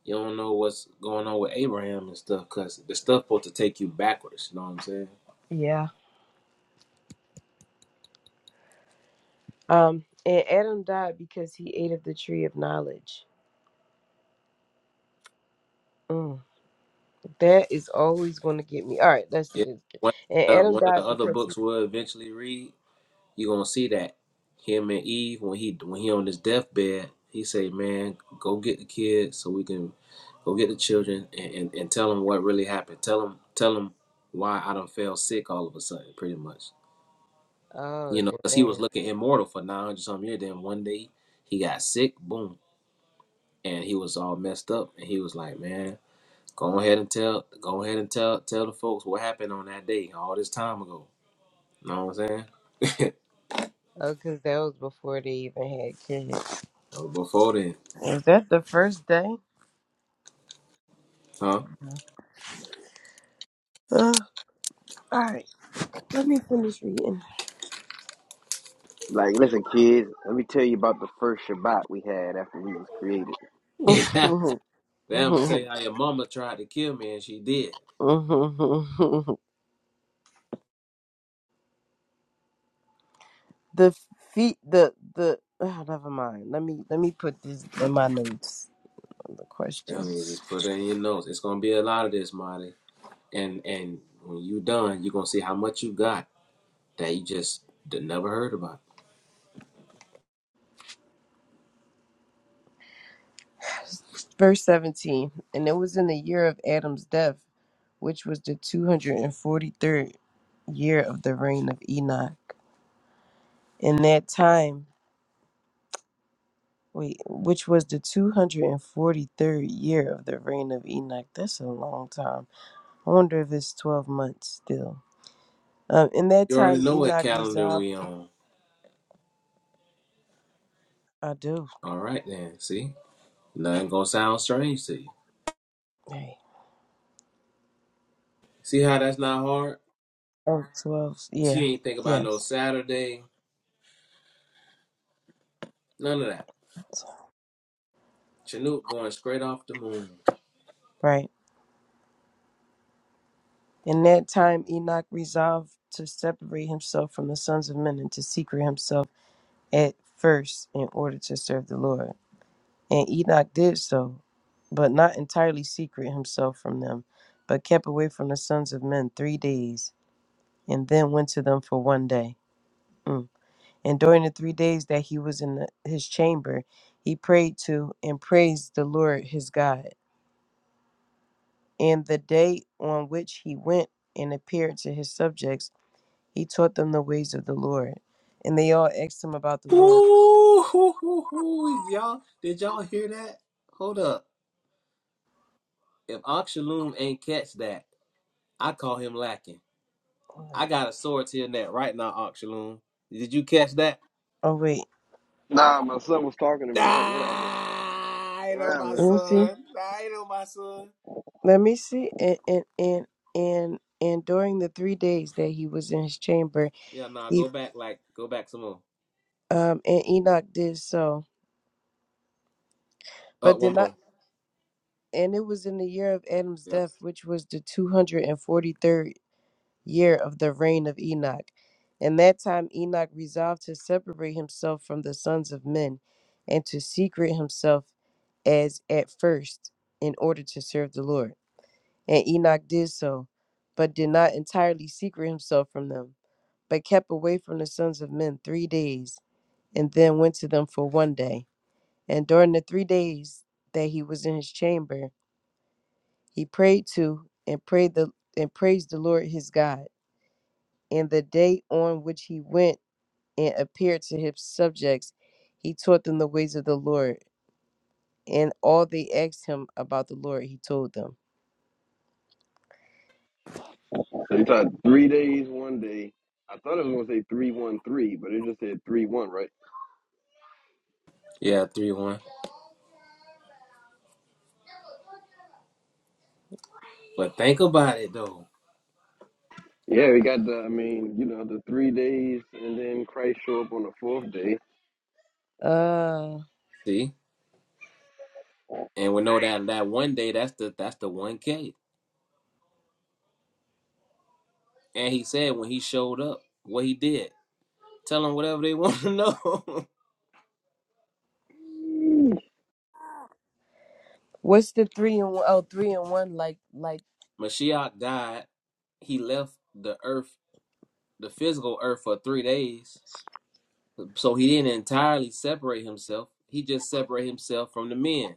Speaker 5: you don't know what's going on with Abraham and stuff, cause the stuff supposed to take you backwards. You know what I'm saying?
Speaker 4: Yeah. Um and Adam died because he ate of the tree of knowledge. Mm, that is always going to get me. All right, let's
Speaker 5: Yeah.
Speaker 4: just.
Speaker 5: One
Speaker 4: And
Speaker 5: uh,
Speaker 4: Adam
Speaker 5: one of the
Speaker 4: died
Speaker 5: other
Speaker 4: because he.
Speaker 5: books we'll eventually read, you're gonna see that him and Eve when he when he on his deathbed, he say, "Man, go get the kids so we can go get the children and, and, and tell them what really happened. Tell them tell them why I done fell sick all of a sudden, pretty much.
Speaker 4: Oh
Speaker 5: You know, cause he was
Speaker 4: damn!
Speaker 5: looking immortal for 900 something years. Then one day he got sick. Boom, and he was all messed up and he was like man go ahead and tell go ahead and tell tell the folks what happened on that day all this time ago you know what i'm saying (laughs)
Speaker 4: Oh, because that was before they even had kids.
Speaker 5: That was before then
Speaker 4: Was that the first day?
Speaker 5: huh
Speaker 4: Uh, all right, let me finish reading.
Speaker 1: Like, listen, kids, let me tell you about the first Shabbat we had after we was created.
Speaker 5: (laughs)
Speaker 4: (laughs)
Speaker 5: yeah
Speaker 4: the
Speaker 5: Then i'm gonna tell you how your mama tried to kill me and she did
Speaker 4: feet the the oh, never mind let me let me put this in my notes on the
Speaker 5: i mean
Speaker 4: questions
Speaker 5: just put that in your notes it's gonna be a lot of this marty and and when you done you're gonna see how much you got that you just d- never heard about
Speaker 4: verse 17 and it was in the year of adam's death which was the 243rd year of the reign of enoch in that time wait which was the 243rd year of the reign of enoch that's a long time i wonder if it's 12 months still um, in that
Speaker 5: you already
Speaker 4: time
Speaker 5: know what
Speaker 4: enoch
Speaker 5: calendar
Speaker 4: resolved
Speaker 5: we on
Speaker 4: i do
Speaker 5: all right then see nothing gonna sound strange to you
Speaker 4: Right.
Speaker 5: see how that's not hard
Speaker 4: Oh, twelve. Yeah.
Speaker 5: He ain't think about no
Speaker 4: Yes.
Speaker 5: Saturday, none of that. Chinook going straight off the moon.
Speaker 4: Right. In that time, Enoch resolved to separate himself from the sons of men and to secret himself at first in order to serve the Lord. And Enoch did so, but not entirely secret himself from them, but kept away from the sons of men three days, and then went to them for one day. Mm. And during the three days that he was in the, his chamber, he prayed to and praised the Lord his God. And the day on which he went and appeared to his subjects, he taught them the ways of the Lord. And they all asked him about the Lord.
Speaker 5: Ooh, hoo, hoo, hoo. y'all, did y'all hear that? Hold up. If Oxaloom ain't catch that, I call him lacking. I got a sword to your neck right now, Oxaloom. Did you catch that?
Speaker 4: Oh wait,
Speaker 1: Nah, my son was talking to me. What, whatever,
Speaker 5: Ah, I ain't on my
Speaker 1: whatever.
Speaker 4: let me see.
Speaker 5: son. Nah, ain't on my son.
Speaker 4: Let me see. And and and and, and during the three days that he was in his chamber,
Speaker 5: Yeah, nah,
Speaker 4: he
Speaker 5: go back, like, go back some more.
Speaker 4: um and Enoch did so,
Speaker 5: Up uh,
Speaker 4: but
Speaker 5: one
Speaker 4: did not.
Speaker 5: more.
Speaker 4: And it was in the year of Adam's
Speaker 5: Yeah.
Speaker 4: death, which was the two hundred and forty third. year of the reign of Enoch. In that time, Enoch resolved to separate himself from the sons of men and to secret himself as at first in order to serve the Lord. And Enoch did so, but did not entirely secret himself from them, but kept away from the sons of men three days, and then went to them for one day. And during the three days that he was in his chamber, he prayed to and prayed the and praised the Lord his God. and the day on which he went and appeared to his subjects, he taught them the ways of the Lord, and all they asked him about the Lord, he told them.
Speaker 1: So he tried three days, one day. I thought it was gonna say three one three, but it just said three one, right?
Speaker 5: Yeah, 3 1. But think about it, though.
Speaker 1: Yeah, we got the. I mean, you know, the three days, and then Christ show up on the fourth day.
Speaker 4: Uh,
Speaker 5: See. And we know that that one day that's the that's the one K. And he said when he showed up, what he did. Tell them whatever they (laughs) want to know.
Speaker 4: what's the three and one? Oh, three and one, like, like,
Speaker 5: (laughs) Mashiach died. He left the earth, the physical earth for three days. So he didn't entirely separate himself. He just separated himself from the men.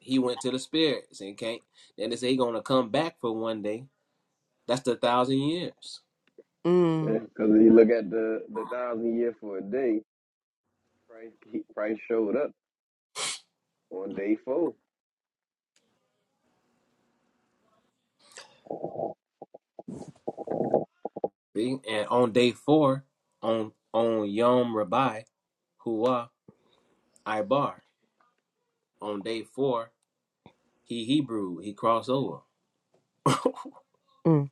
Speaker 5: He went to the spirits and can't and they say he's gonna come back for one day. That's the thousand years.
Speaker 4: mm,
Speaker 1: Because yeah, you look at the the thousand year for a day, Christ Christ showed up on day four.
Speaker 5: See? And on day four, on on Yom Rabbi, Huwa Ibar. on day four, he Hebrew, he crossed over. (laughs)
Speaker 4: mm,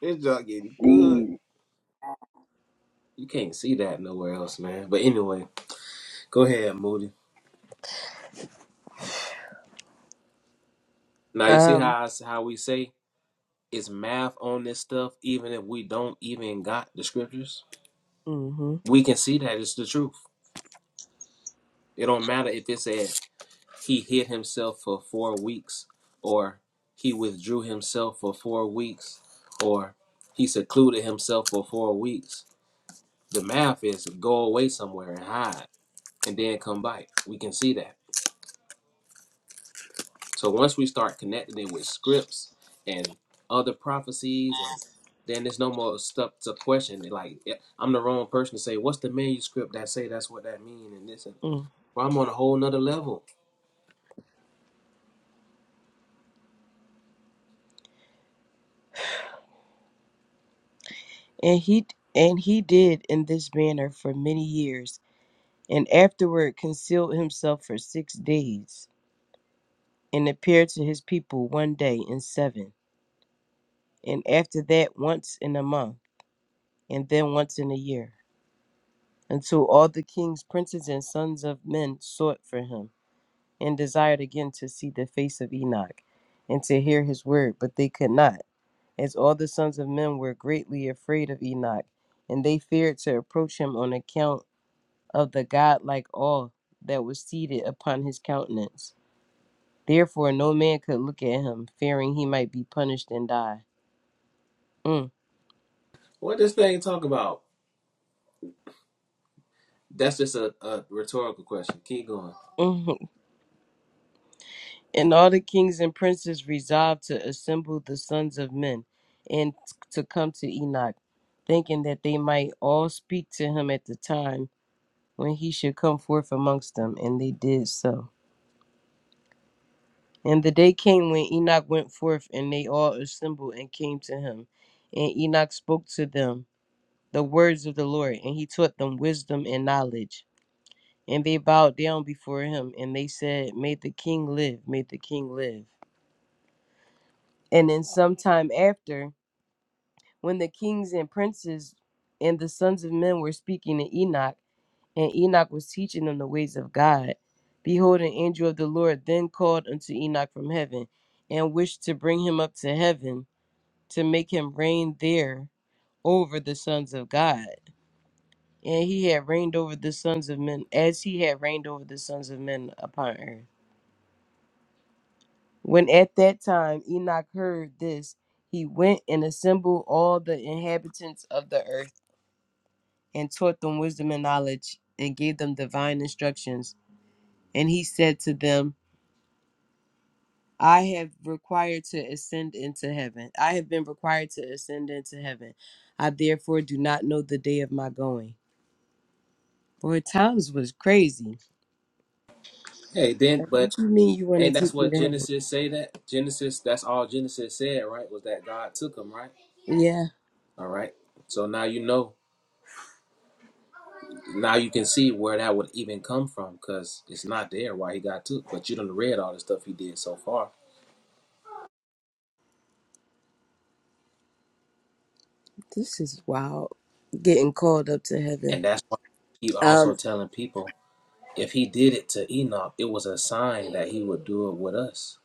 Speaker 5: it's not getting good.
Speaker 1: Jeez.
Speaker 5: You can't see that nowhere else, man. But anyway, go ahead, Moody. Now you see
Speaker 4: um,
Speaker 5: how I s how we say it's math on this stuff, even if we don't even got the scriptures.
Speaker 4: mm-hmm,
Speaker 5: We can see that it's the truth. It don't matter if it said he hid himself for four weeks, or he withdrew himself for four weeks, or he secluded himself for four weeks. The math is go away somewhere and hide and then come back. We can see that. So once we start connecting it with scripts and other prophecies, and then there's no more stuff to question. Like yeah, I'm the wrong person to say what's the manuscript that say that's what that mean and this and
Speaker 4: mm.
Speaker 5: well, I'm on a whole nother level.
Speaker 4: And he and he did in this manner for many years, and afterward concealed himself for six days, and appeared to his people one day in seven, and after that once in a month. and then once in a year, until all the kings, princes, and sons of men sought for him, and desired again to see the face of Enoch, and to hear his word, but they could not, as all the sons of men were greatly afraid of Enoch, and they feared to approach him on account of the godlike awe that was seated upon his countenance. Therefore, no man could look at him, fearing he might be punished and die. Mm.
Speaker 5: What this thing talk about? That's just a, a rhetorical question. Keep going.
Speaker 4: (laughs) And all the kings and princes resolved to assemble the sons of men and to come to Enoch, thinking that they might all speak to him at the time when he should come forth amongst them. And they did so. And the day came when Enoch went forth, and they all assembled and came to him. And Enoch spoke to them the words of the Lord, and he taught them wisdom and knowledge. And they bowed down before him, and they said, May the king live, may the king live. And then sometime after, when the kings and princes and the sons of men were speaking to Enoch, and Enoch was teaching them the ways of God. Behold, an angel of the Lord then called unto Enoch from heaven, and wished to bring him up to heaven, to make him reign there over the sons of God. And he had reigned over the sons of men, as he had reigned over the sons of men upon earth. When at that time Enoch heard this, he went and assembled all the inhabitants of the earth and taught them wisdom and knowledge, and gave them divine instructions. And he said to them, I have required to ascend into heaven. I have been required to ascend into heaven. I therefore do not know the day of my going. Boy, times was crazy.
Speaker 5: Hey, then
Speaker 4: Like,
Speaker 5: but
Speaker 4: What you mean you want to
Speaker 5: ain't that's
Speaker 4: take me
Speaker 5: what
Speaker 4: to heaven?
Speaker 5: Genesis say that Genesis? That's all Genesis said, right? Was that God took him, right?
Speaker 4: Yeah,
Speaker 5: All right. So now you know now you can see where that would even come from because it's not there why he got took. But you done read all the stuff he did so far,
Speaker 4: this is wild. Getting called up to heaven.
Speaker 5: and that's why he also
Speaker 4: Um,
Speaker 5: telling people if he did it to Enoch, it was a sign that he would do it with us.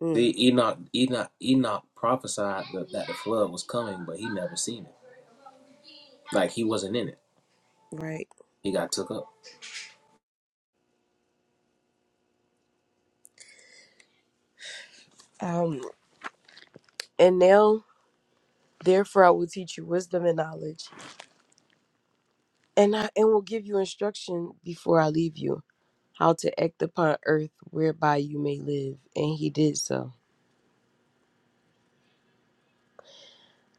Speaker 4: mm,
Speaker 5: See, Enoch, Enoch, Enoch prophesied that, that the flood was coming, but he never seen it. Like he wasn't in it.
Speaker 4: right.
Speaker 5: He got took up.
Speaker 4: Um, and now, therefore, I will teach you wisdom and knowledge, and I and will give you instruction before I leave you. how to act upon earth whereby you may live. And he did so.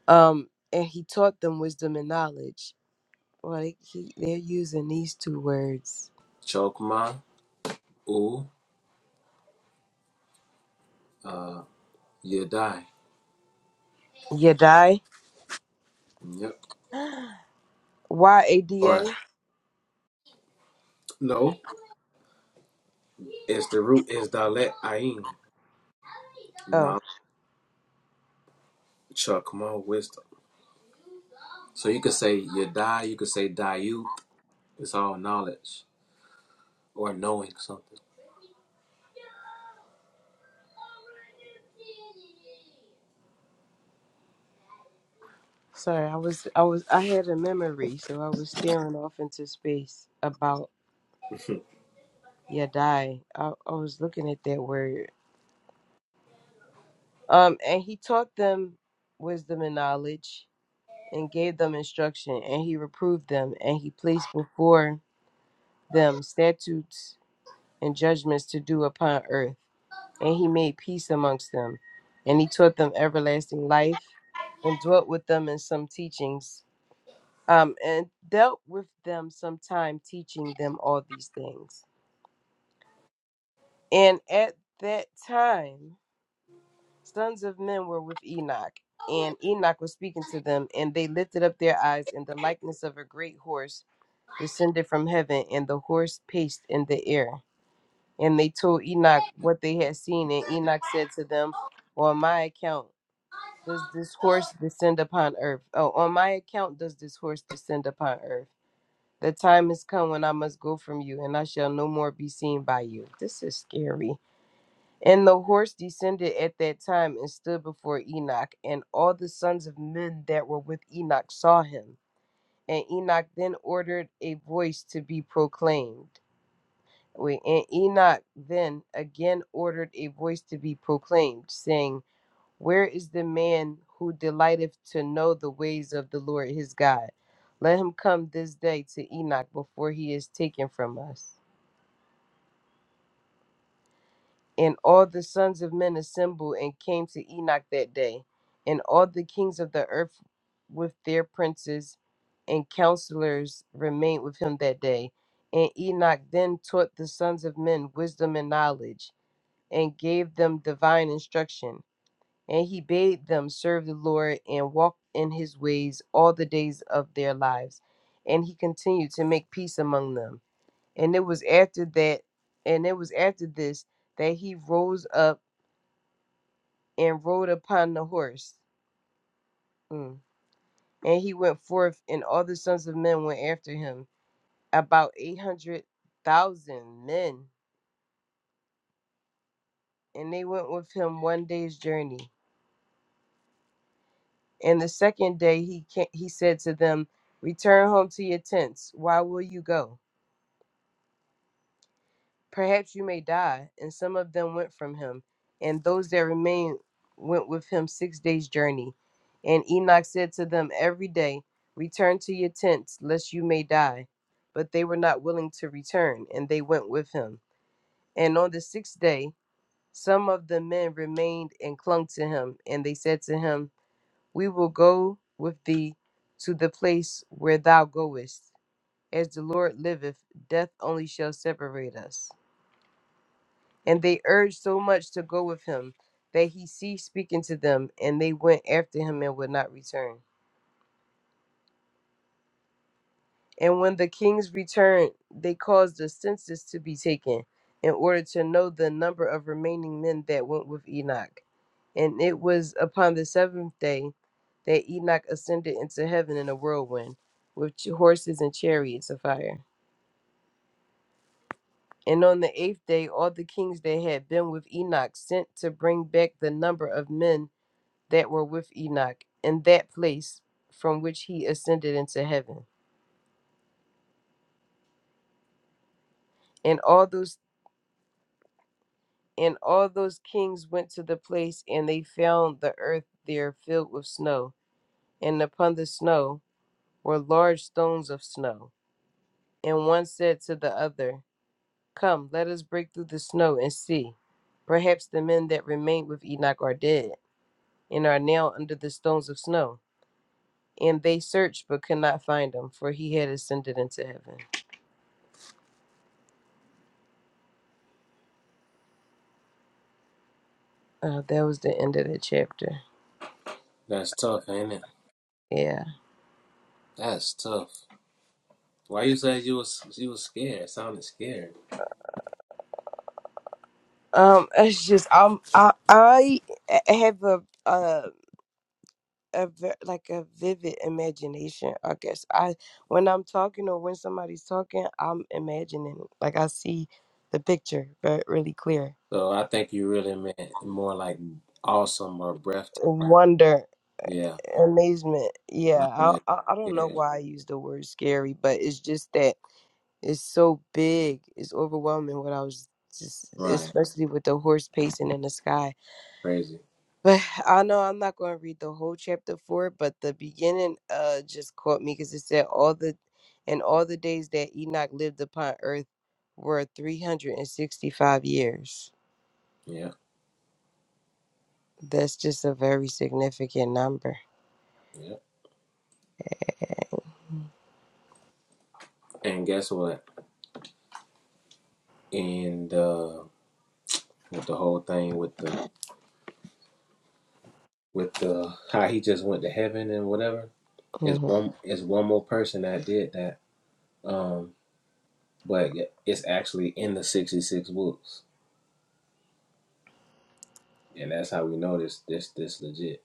Speaker 4: Um, and he taught them wisdom and knowledge. Well, they, he, they're using these two words.
Speaker 5: Chokma u uh yadai.
Speaker 4: Yadai,
Speaker 5: Yep.
Speaker 4: Y A D A.
Speaker 5: Or no, it's the root is dalet ayin.
Speaker 4: Oh,
Speaker 5: Not chokma wisdom. So you could say Yadai, you could say Dayuth. It's all knowledge or knowing something.
Speaker 4: sorry. I was, I was, I had a memory, so I was staring off into space about
Speaker 5: (laughs)
Speaker 4: Yadai. I, I was looking at that word. Um, and he taught them wisdom and knowledge, and gave them instruction, and he reproved them, and he placed before them statutes and judgments to do upon earth. And he made peace amongst them. And he taught them everlasting life, and dwelt with them in some teachings, um, and dealt with them some time, teaching them all these things. And at that time, sons of men were with Enoch, and Enoch was speaking to them, and they lifted up their eyes, and the likeness of a great horse descended from heaven, and the horse paced in the air And they told Enoch what they had seen, and Enoch said to them, On my account does this horse descend upon earth. Oh, on my account does this horse descend upon earth. The time has come when I must go from you, and I shall no more be seen by you. This is scary. And the horse descended at that time and stood before Enoch, and all the sons of men that were with Enoch saw him. And Enoch then ordered a voice to be proclaimed. Wait, and Enoch then again ordered a voice to be proclaimed, saying, Where is the man who delighteth to know the ways of the Lord his God? Let him come this day to Enoch before he is taken from us. And all the sons of men assembled and came to Enoch that day, and all the kings of the earth with their princes and counselors remained with him that day. And Enoch then taught the sons of men wisdom and knowledge and gave them divine instruction. And he bade them serve the Lord and walk in his ways all the days of their lives. And he continued to make peace among them. And it was after that, and it was after this that he rose up and rode upon the horse. Mm. And he went forth, and all the sons of men went after him, about 800,000 men. And they went with him one day's journey. And the second day he ca- he said to them, Return home to your tents. Why will you go? Perhaps you may die. And some of them went from him, and those that remained went with him six days' journey. And Enoch said to them every day, Return to your tents, lest you may die. But they were not willing to return, and they went with him. And on the sixth day, some of the men remained and clung to him, and they said to him, We will go with thee to the place where thou goest. As the Lord liveth, death only shall separate us. And they urged so much to go with him that he ceased speaking to them, and they went after him and would not return. And when the kings returned, they caused a census to be taken in order to know the number of remaining men that went with Enoch. And it was upon the seventh day that Enoch ascended into heaven in a whirlwind, with ch- horses and chariots of fire. And on the eighth day, all the kings that had been with Enoch sent to bring back the number of men that were with Enoch in that place from which he ascended into heaven. And all those and all those kings went to the place, and they found the earth there filled with snow, and upon the snow were large stones of snow And one said to the other, Come, let us break through the snow and see. Perhaps the men that remained with Enoch are dead, and are now under the stones of snow. And they searched but could not find him, for he had ascended into heaven. Uh, that was the end of the chapter.
Speaker 5: That's tough, ain't it?
Speaker 4: Yeah.
Speaker 5: That's tough. Why you said you was you was scared? It sounded scared.
Speaker 4: Um. It's just um. I I have a. uh a ve- like a vivid imagination. I guess I when I'm talking or when somebody's talking, I'm imagining it. like I see the picture very really clear.
Speaker 5: So I think you really meant more like awesome or breathtaking.
Speaker 4: Wonder,
Speaker 5: Yeah,
Speaker 4: amazement. Yeah,
Speaker 5: not
Speaker 4: I,
Speaker 5: like
Speaker 4: I I don't know
Speaker 5: scared.
Speaker 4: why I use the word scary, but it's just that it's so big, it's overwhelming. What I was just,
Speaker 5: Right,
Speaker 4: especially with the horse pacing in the sky.
Speaker 5: crazy.
Speaker 4: But I know I'm not going to read the whole chapter four, but the beginning uh just caught me because it said all the and all the days that Enoch lived upon earth were 365 years.
Speaker 5: Yeah,
Speaker 4: That's just a very significant number.
Speaker 5: yeah. And guess what? And uh, with the whole thing with the with the how he just went to heaven and whatever is
Speaker 4: Mhm.
Speaker 5: one is one more person that did that. Um, but it's actually in the 66 books and that's how we know this this this legit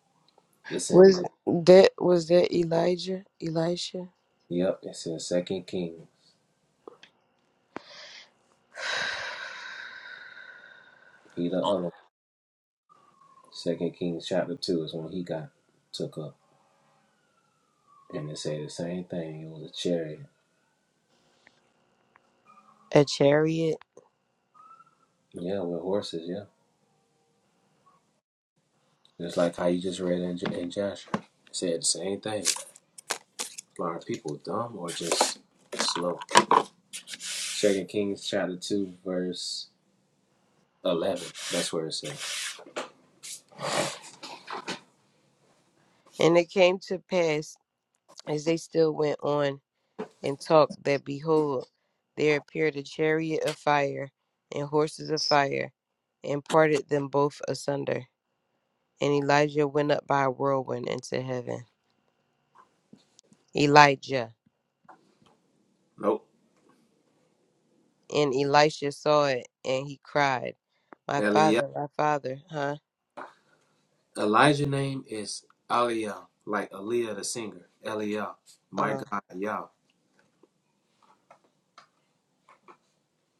Speaker 5: it's in
Speaker 4: Was that was that Elijah? Elisha?
Speaker 5: yep it's in second Kings. he the other second Kings chapter 2 is when he got took up and it say the same thing it was a chariot
Speaker 4: A chariot,
Speaker 5: yeah with horses yeah just like how you just read in, in joshua it said the same thing are people dumb or just slow second kings chapter 2 verse 11 that's where it says
Speaker 4: and it came to pass as they still went on. and talked that behold there appeared a chariot of fire and horses of fire and parted them both asunder and elijah went up by a whirlwind into heaven elijah
Speaker 5: nope
Speaker 4: and elisha saw it and he cried my
Speaker 5: Eliab.
Speaker 4: father my father huh
Speaker 5: Elijah name is Aliyah, like Aliyah the singer. Aliyah, my
Speaker 4: uh
Speaker 5: God, Yah.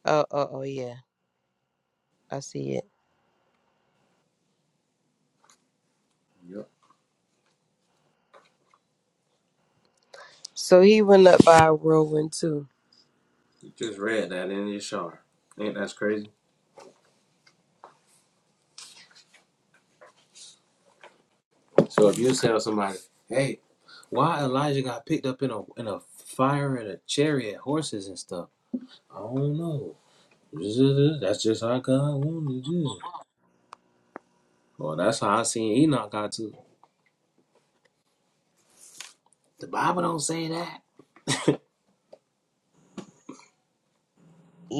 Speaker 4: oh oh oh yeah i see it
Speaker 5: Yep.
Speaker 4: so he went up by a whirlwind too
Speaker 5: You just read that in your shower. Ain't that crazy? So if
Speaker 4: Mm.
Speaker 5: you tell somebody, hey, why Elijah got picked up in a in a fire and a chariot, horses and stuff? I don't know. (laughs) That's just how God wanted to do. Well, that's how I seen Enoch got to. The Bible don't say that.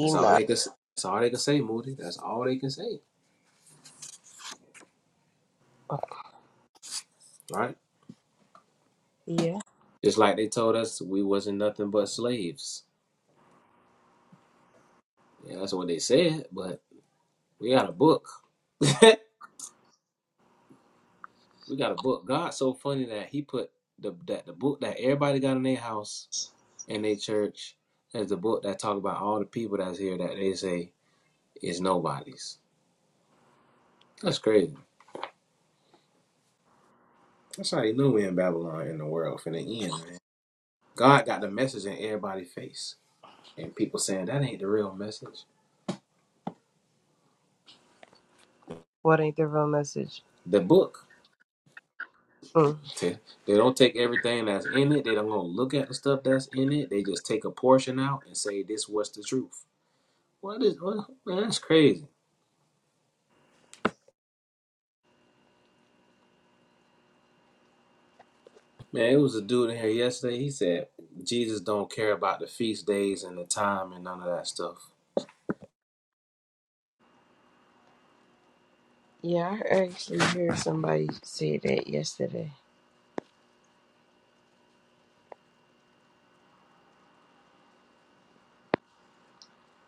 Speaker 5: That's all they can. That's all they can say, Moody. That's all they can say, right?
Speaker 4: yeah
Speaker 5: Just like they told us we wasn't nothing but slaves. Yeah, that's what they said, but we got a book. (laughs) we got a book. God's so funny that he put the that the book that everybody got in their house and their church as the book that talk about all the people that's here that they say is nobody's. That's crazy. That's how you knew we in Babylon in the world for the end, man. God got the message in everybody's face. And people saying that ain't the real message.
Speaker 4: what ain't the real message
Speaker 5: The book.
Speaker 4: Mm.
Speaker 5: They don't take everything that's in it. They don't gonna look at the stuff that's in it. They just take a portion out and say this was the truth. What is what, man? That's crazy. Man, it was a dude in here yesterday. He said Jesus don't care about the feast days and the time and none of that stuff.
Speaker 4: yeah i actually heard somebody say that yesterday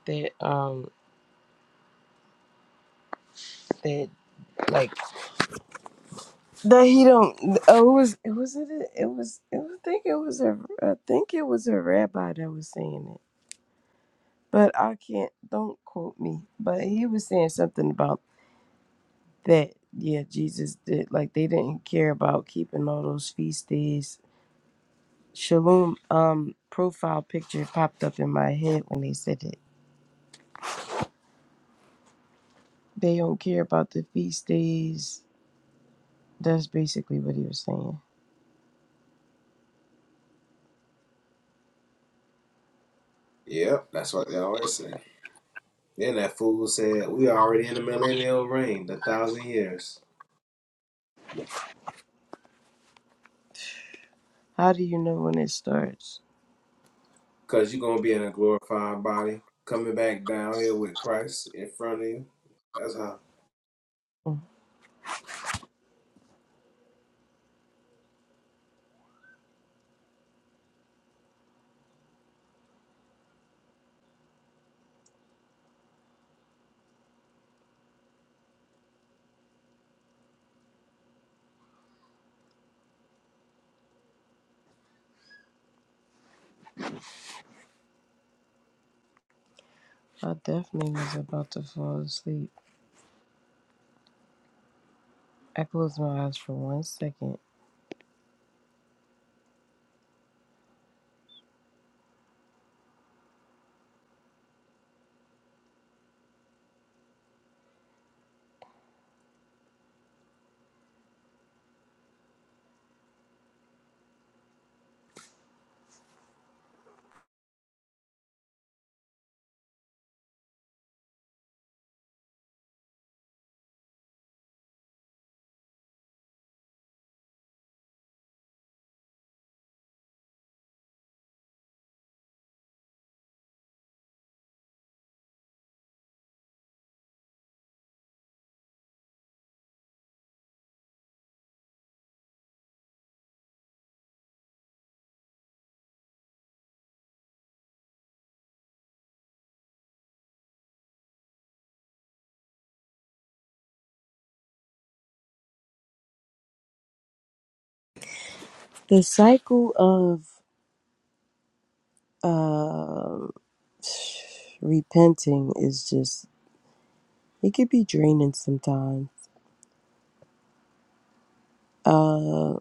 Speaker 4: that um that like that he don't oh it was it was it it was it was, I think it was a I think it was a rabbi that was saying it but I can't don't quote me but he was saying something about that yeah Jesus did like they didn't care about keeping all those feast days Shalom um profile picture popped up in my head when they said it they don't care about the feast days that's basically what he was saying
Speaker 5: Yep, that's what they always say. Then that fool said, "We already in the millennial reign, the thousand years,
Speaker 4: how do you know when it starts
Speaker 5: cause you're gonna be in a glorified body, coming back down here with Christ in front of you. That's how."
Speaker 4: I definitely was about to fall asleep. I closed my eyes for one second. The cycle of um (sighs) repenting is just it could be draining sometimes. Uh,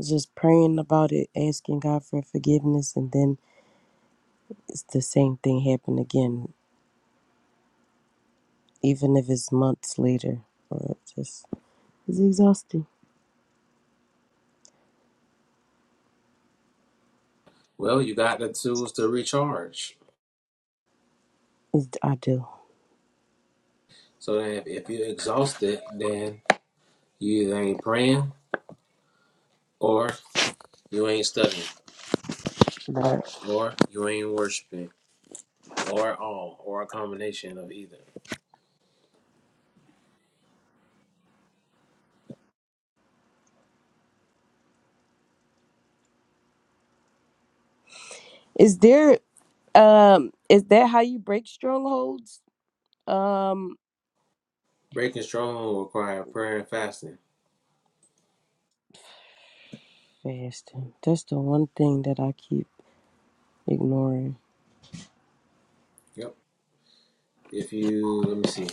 Speaker 4: just praying about it, asking God for forgiveness, and then it's the same thing happen again, even if it's months later. Or it's just it's exhausting.
Speaker 5: Well, you got to choose to recharge.
Speaker 4: It's, I do.
Speaker 5: So then if, if you're exhausted, then you either ain't praying or you ain't studying
Speaker 4: Right.
Speaker 5: or you ain't worshiping or all or a combination of either.
Speaker 4: Is there um is that how you break strongholds? Um,
Speaker 5: Breaking stronghold will require prayer and fasting.
Speaker 4: Fasting. That's the one thing that I keep ignoring.
Speaker 5: Yep. If you let me see.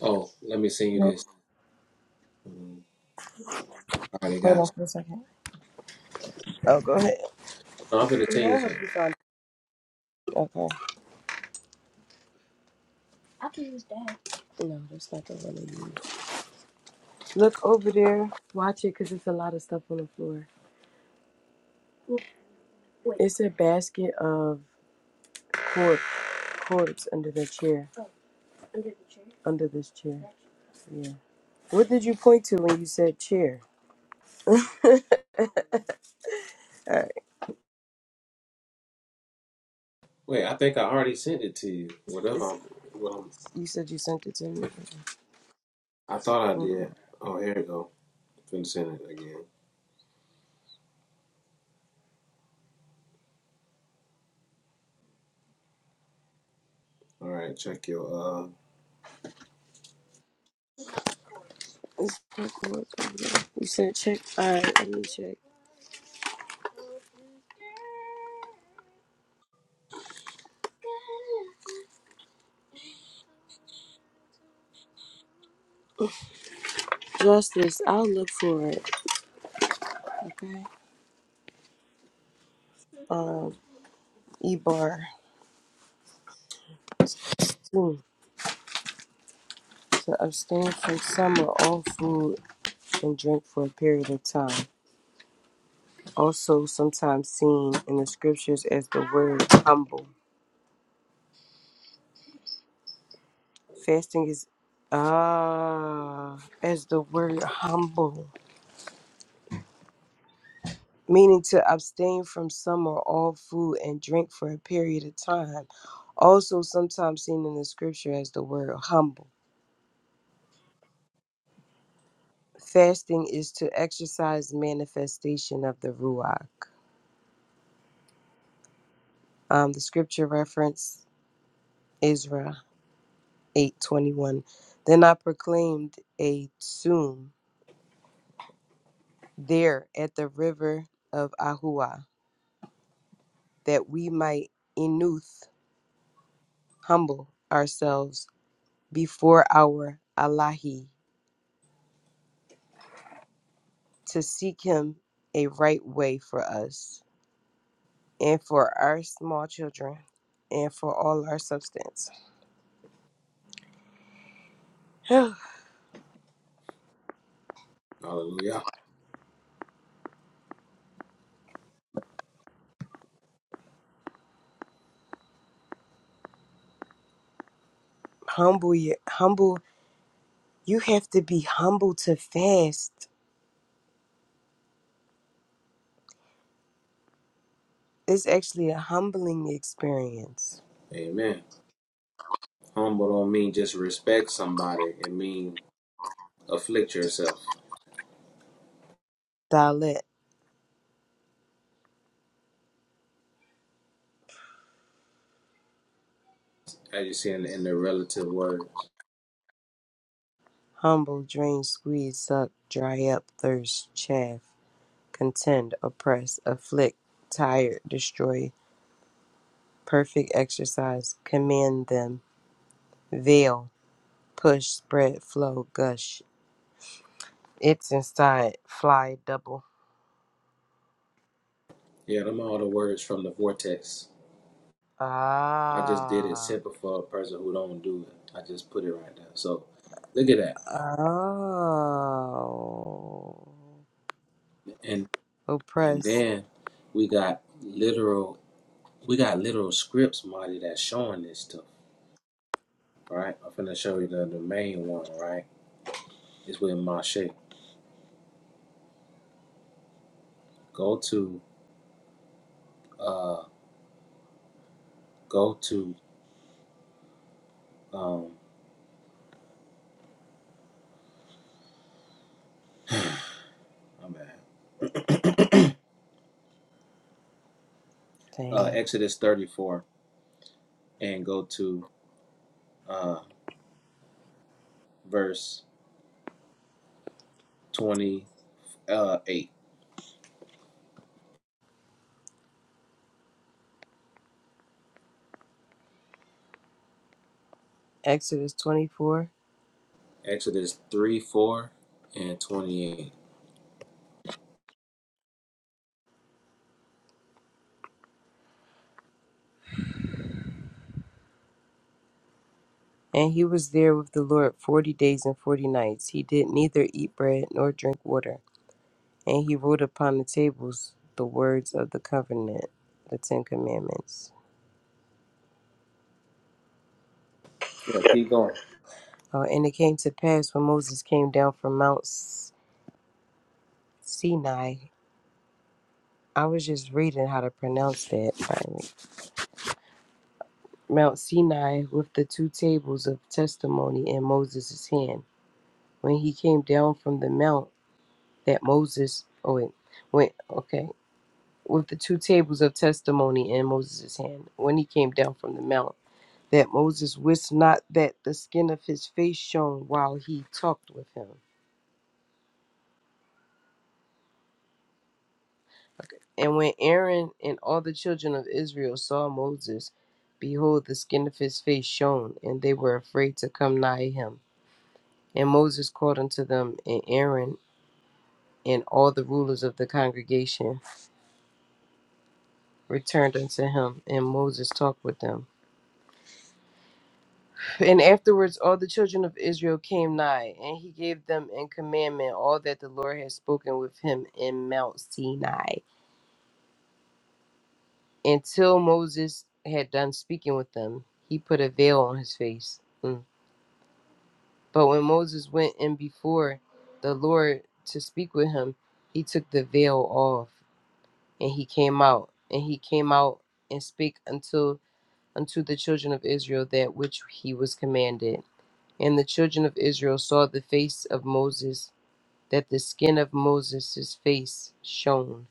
Speaker 5: Oh, let me send you this. Mm, I already got. some.
Speaker 4: That's okay. Oh, go ahead.
Speaker 5: No, I'm gonna tell
Speaker 4: No,
Speaker 5: you
Speaker 4: I hope
Speaker 5: something.
Speaker 4: you found it. Okay. No, that's not the one I use. Look over there. Watch it because it's a lot of stuff on the floor. It's a basket of cords, cords under the chair. Under this chair. Yeah. What did you point to when you said chair? Uh,
Speaker 5: Wait, I think I already sent it to you. Whatever.
Speaker 4: it's,
Speaker 5: I'm, what I'm,
Speaker 4: you said you sent it to me.
Speaker 5: I thought I
Speaker 4: Mm-mm.
Speaker 5: did. Oh, here we go. Finna send it again. All right. Check your. uh
Speaker 4: It's quick over there. You said check. All right, let me check. Justice, I'll look for it. Okay. um, Ebar hmm, to abstain from some or all food and drink for a period of time. Also, sometimes seen in the scriptures as the word humble. Fasting is ah as the word humble, meaning to abstain from some or all food and drink for a period of time. Also, sometimes seen in the scripture as the word humble. Fasting is to exercise manifestation of the Ruach. Um, the scripture reference Ezra 8:21. Then I proclaimed a tsum there at the river of Ahua, that we might enuth humble ourselves before our Allahi to seek him a right way for us and for our small children and for all our substance. (sighs)
Speaker 5: Hallelujah.
Speaker 4: humble you humble you have to be humble to fast It's actually a humbling experience.
Speaker 5: Amen. humble don't mean just respect somebody. It mean afflict yourself,
Speaker 4: Dalet,
Speaker 5: as you see in, in the relative words.
Speaker 4: humble, drain, squeeze, suck, dry up, thirst, chaff, contend, oppress, afflict, tire, destroy, perfect exercise, command them, veil, push, spread, flow, gush. It's inside, fly, double.
Speaker 5: Yeah, them all the words from the vortex. I just did it
Speaker 4: Ah.
Speaker 5: simple for a person who don't do it. I just put it right there. So look at that.
Speaker 4: Oh.
Speaker 5: And and
Speaker 4: Oppress.
Speaker 5: then we got literal we got literal scripts, Marty, that's showing this stuff. Right? I'm finna show you the, the main one, right? It's with Mache. Go to uh go to um I'm at (clears throat) uh,
Speaker 4: Dang.
Speaker 5: Exodus 34 and go to uh, verse 28.
Speaker 4: Exodus 24.
Speaker 5: Exodus 3, 4, and 28.
Speaker 4: And he was there with the Lord forty days and forty nights. He did neither eat bread nor drink water. And he wrote upon the tables the words of the covenant, the Ten Commandments.
Speaker 5: Yeah, keep going.
Speaker 4: Uh, and it came to pass when Moses came down from Mount S- Sinai. I was just reading how to pronounce that. finally, Mount Sinai with the two tables of testimony in Moses' hand. When he came down from the mount, that Moses, oh wait, went, okay. with the two tables of testimony in Moses' hand when he came down from the mount, that Moses wist not that the skin of his face shone while he talked with him. And when Aaron and all the children of Israel saw Moses, behold, the skin of his face shone, and they were afraid to come nigh him. And Moses called unto them, and Aaron and all the rulers of the congregation returned unto him, and Moses talked with them. And afterwards all the children of Israel came nigh, and he gave them in commandment all that the Lord had spoken with him in Mount Sinai. Until Moses had done speaking with them, he put a veil on his face. Mm. But when Moses went in before the Lord to speak with him, he took the veil off, and he came out, and he came out and spake unto unto the children of Israel that which he was commanded. And the children of Israel saw the face of Moses that the skin of Moses' face shone,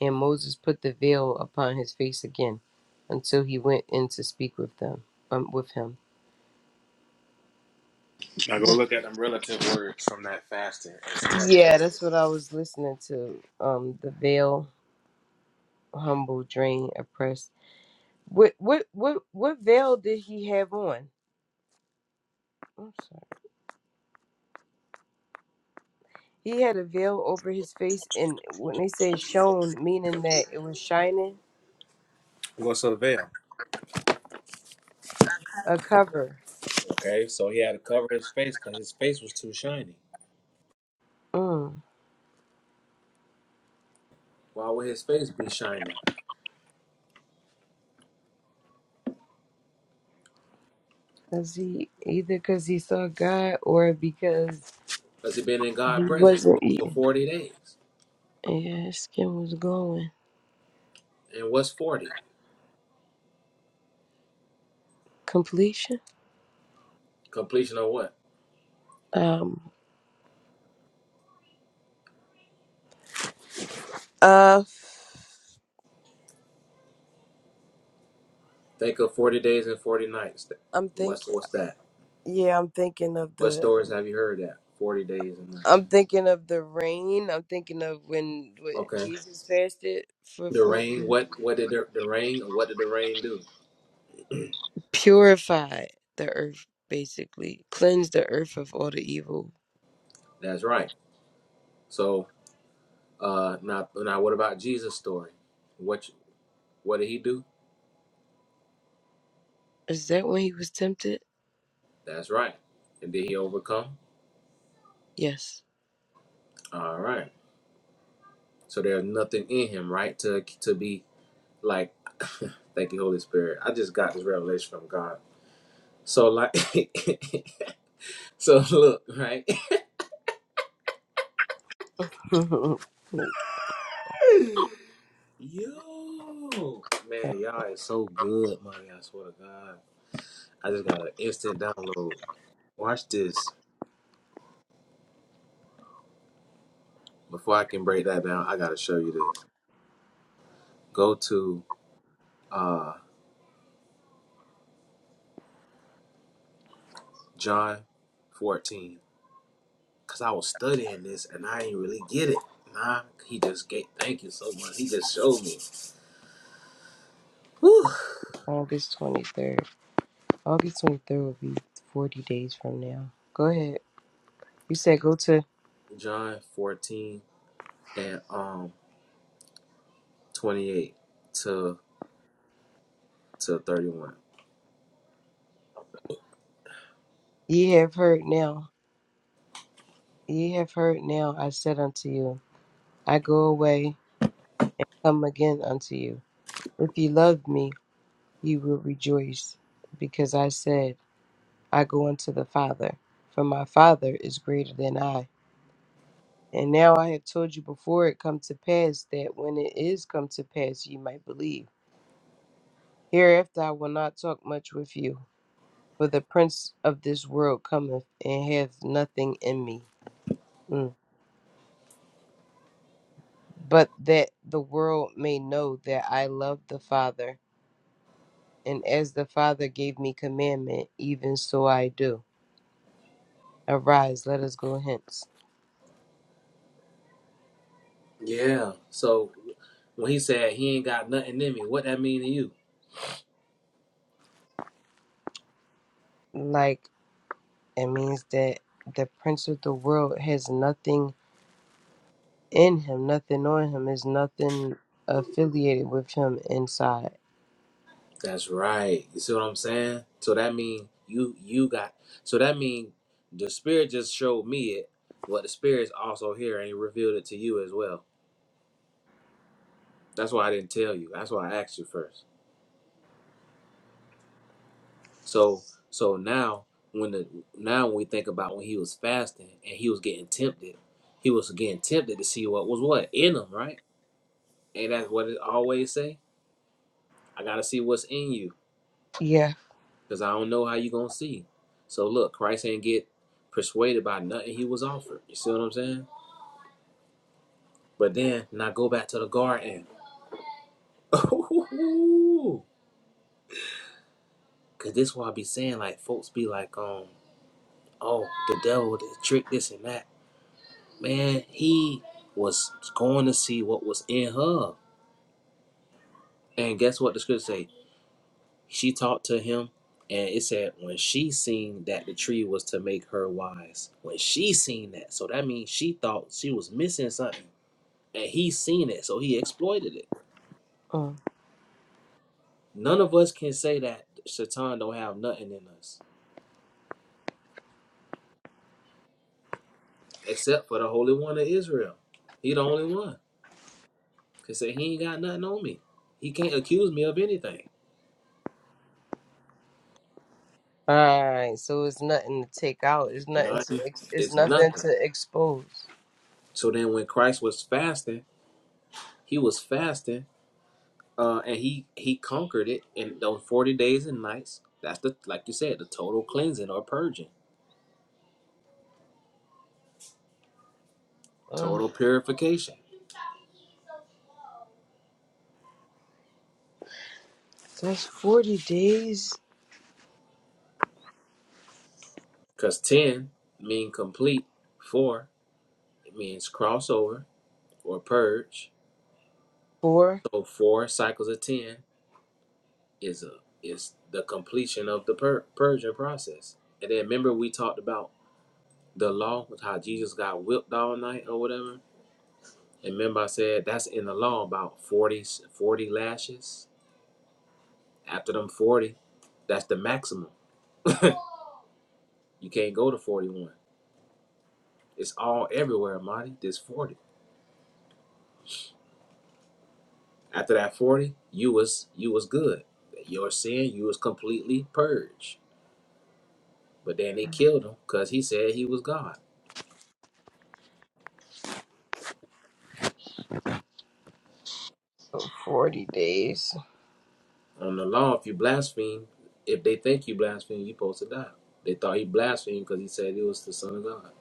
Speaker 4: and Moses put the veil upon his face again, until he went in to speak with them, um, with him.
Speaker 5: Now go look at them relative words from that fasting and tell me
Speaker 4: Yeah,
Speaker 5: what's
Speaker 4: that's what I was listening to. Um, the veil, humble, drained, oppressed. What, what, what, what veil did he have on? I'm sorry. He had a veil over his face, and when they say shone, meaning that it was shining,
Speaker 5: what's the veil.
Speaker 4: a cover.
Speaker 5: Okay, so he had to cover his face because his face was too shiny.
Speaker 4: Mm.
Speaker 5: Why would his face be shiny?
Speaker 4: Cause he either cause he saw God or because
Speaker 5: Because he been in
Speaker 4: He
Speaker 5: God's presence for,
Speaker 4: wasn't
Speaker 5: for
Speaker 4: eating.
Speaker 5: 40 days.
Speaker 4: Yeah, his skin was glowing.
Speaker 5: And what's 40?
Speaker 4: Completion?
Speaker 5: Completion of what?
Speaker 4: Um uh
Speaker 5: Think of 40 days and 40 nights.
Speaker 4: I'm
Speaker 5: What's
Speaker 4: thinking
Speaker 5: what's that?
Speaker 4: yeah, I'm thinking of
Speaker 5: What
Speaker 4: the
Speaker 5: stories have you heard that? Forty days and nights.
Speaker 4: I'm thinking of the rain. I'm thinking of when, when
Speaker 5: Okay.
Speaker 4: Jesus fasted for
Speaker 5: The
Speaker 4: 40
Speaker 5: rain.
Speaker 4: days.
Speaker 5: What? What did the, the rain? What did the rain do?
Speaker 4: Purified the earth basically. Cleanse the earth of all the evil.
Speaker 5: That's right. So uh, now, now, what about Jesus' story? What? What did he do?
Speaker 4: Is that when he was tempted?
Speaker 5: That's right. And did he overcome?
Speaker 4: Yes.
Speaker 5: All right. So there's nothing in him, right? To to be like, (laughs) thank you, Holy Spirit. I just got this revelation from God. So like, (laughs) so look, right?
Speaker 4: (laughs) August
Speaker 5: Yo, man, y'all is so good, man. I swear to God, I just got an instant download. Watch this. Before I can break that down, I gotta show you this. Go to uh John 14, cause I was studying this and I ain't really get it. Nah, he just gave. Thank you so much. He just showed me. Whew.
Speaker 4: 23rd. August 23rd will be 40 days from now. Go ahead. You said go to
Speaker 5: John 14 and um 28 to to 31.
Speaker 4: Ye have heard now, ye have heard now, I said unto you, I go away and come again unto you. If ye loved me, ye will rejoice, because I said, I go unto the Father, for my Father is greater than I. And now I have told you before it come to pass, that when it is come to pass, ye might believe. Hereafter I will not talk much with you, for the prince of this world cometh and hath nothing in me. Mm. but that the world may know that I love the Father, and as the Father gave me commandment, even so I do. Arise, let us go hence.
Speaker 5: Yeah. So When he said he ain't got nothing in me, what that mean to you?
Speaker 4: Like it means that the prince of the world has nothing in him, nothing on him, is nothing affiliated with him inside.
Speaker 5: That's right. You see what I'm saying? So that mean you you got. So that mean the spirit just showed me it, but the spirit's also here and he revealed it to you as well. That's why I didn't tell you. That's why I asked you first. So so now when the now when we think about when he was fasting and he was getting tempted, he was getting tempted to see what was what in him, right? And that's what it always say. I gotta see what's in you.
Speaker 4: Yeah.
Speaker 5: because I don't know how you gonna see. So look, Christ ain't get persuaded by nothing he was offered. You see what I'm saying? But then now go back to the garden. (laughs) Cause this why I be saying like folks be like, um, oh, the devil did trick this and that. Man, he was going to see what was in her. And guess what the scripture say? She talked to him and it said when she seen that the tree was to make her wise. When she seen that. So that means she thought she was missing something and he's seen it, so he exploited it.
Speaker 4: Mm.
Speaker 5: None of us can say that Satan don't have nothing in us, except for the Holy One of Israel. He the only one can say he ain't got nothing on me. He can't accuse me of anything.
Speaker 4: All right. So it's nothing to take out. It's nothing to.
Speaker 5: Nothing
Speaker 4: Ex- it's
Speaker 5: is
Speaker 4: nothing
Speaker 5: nothing.
Speaker 4: to expose.
Speaker 5: So then, when Christ was fasting, he was fasting, uh, and he he conquered it in those forty days and nights. That's the like you said, the total cleansing or purging,
Speaker 4: Uh,
Speaker 5: total purification.
Speaker 4: that's forty days.
Speaker 5: Cause ten mean complete, four it means crossover, or purge.
Speaker 4: Four.
Speaker 5: So four cycles of ten is a is the completion of the pur- purging process. And then remember we talked about the law with how Jesus got whipped all night or whatever. And remember I said that's in the law about 40 40 lashes. After them forty, that's the maximum. (laughs) you can't go to forty one. It's all everywhere, Marty. This forty. After that forty, you was you was good. Your sin, you was completely purged. But then they killed him because he said he was God.
Speaker 4: Forty days.
Speaker 5: On the law, if you blaspheme, if they think you blaspheme, you're supposed to die. They thought he blasphemed because he said he was the Son of God.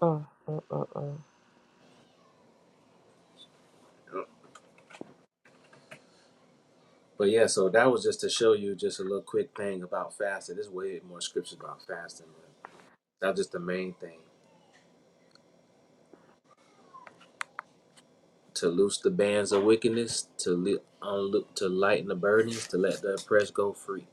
Speaker 4: Mm, mm, mm, mm.
Speaker 5: But yeah, so that was just to show you just a little quick thing about fasting. There's way more scriptures about fasting. But that's just the main thing. To loose the bands of wickedness, to, li- unlo- to lighten the burdens, to let the oppressed go free.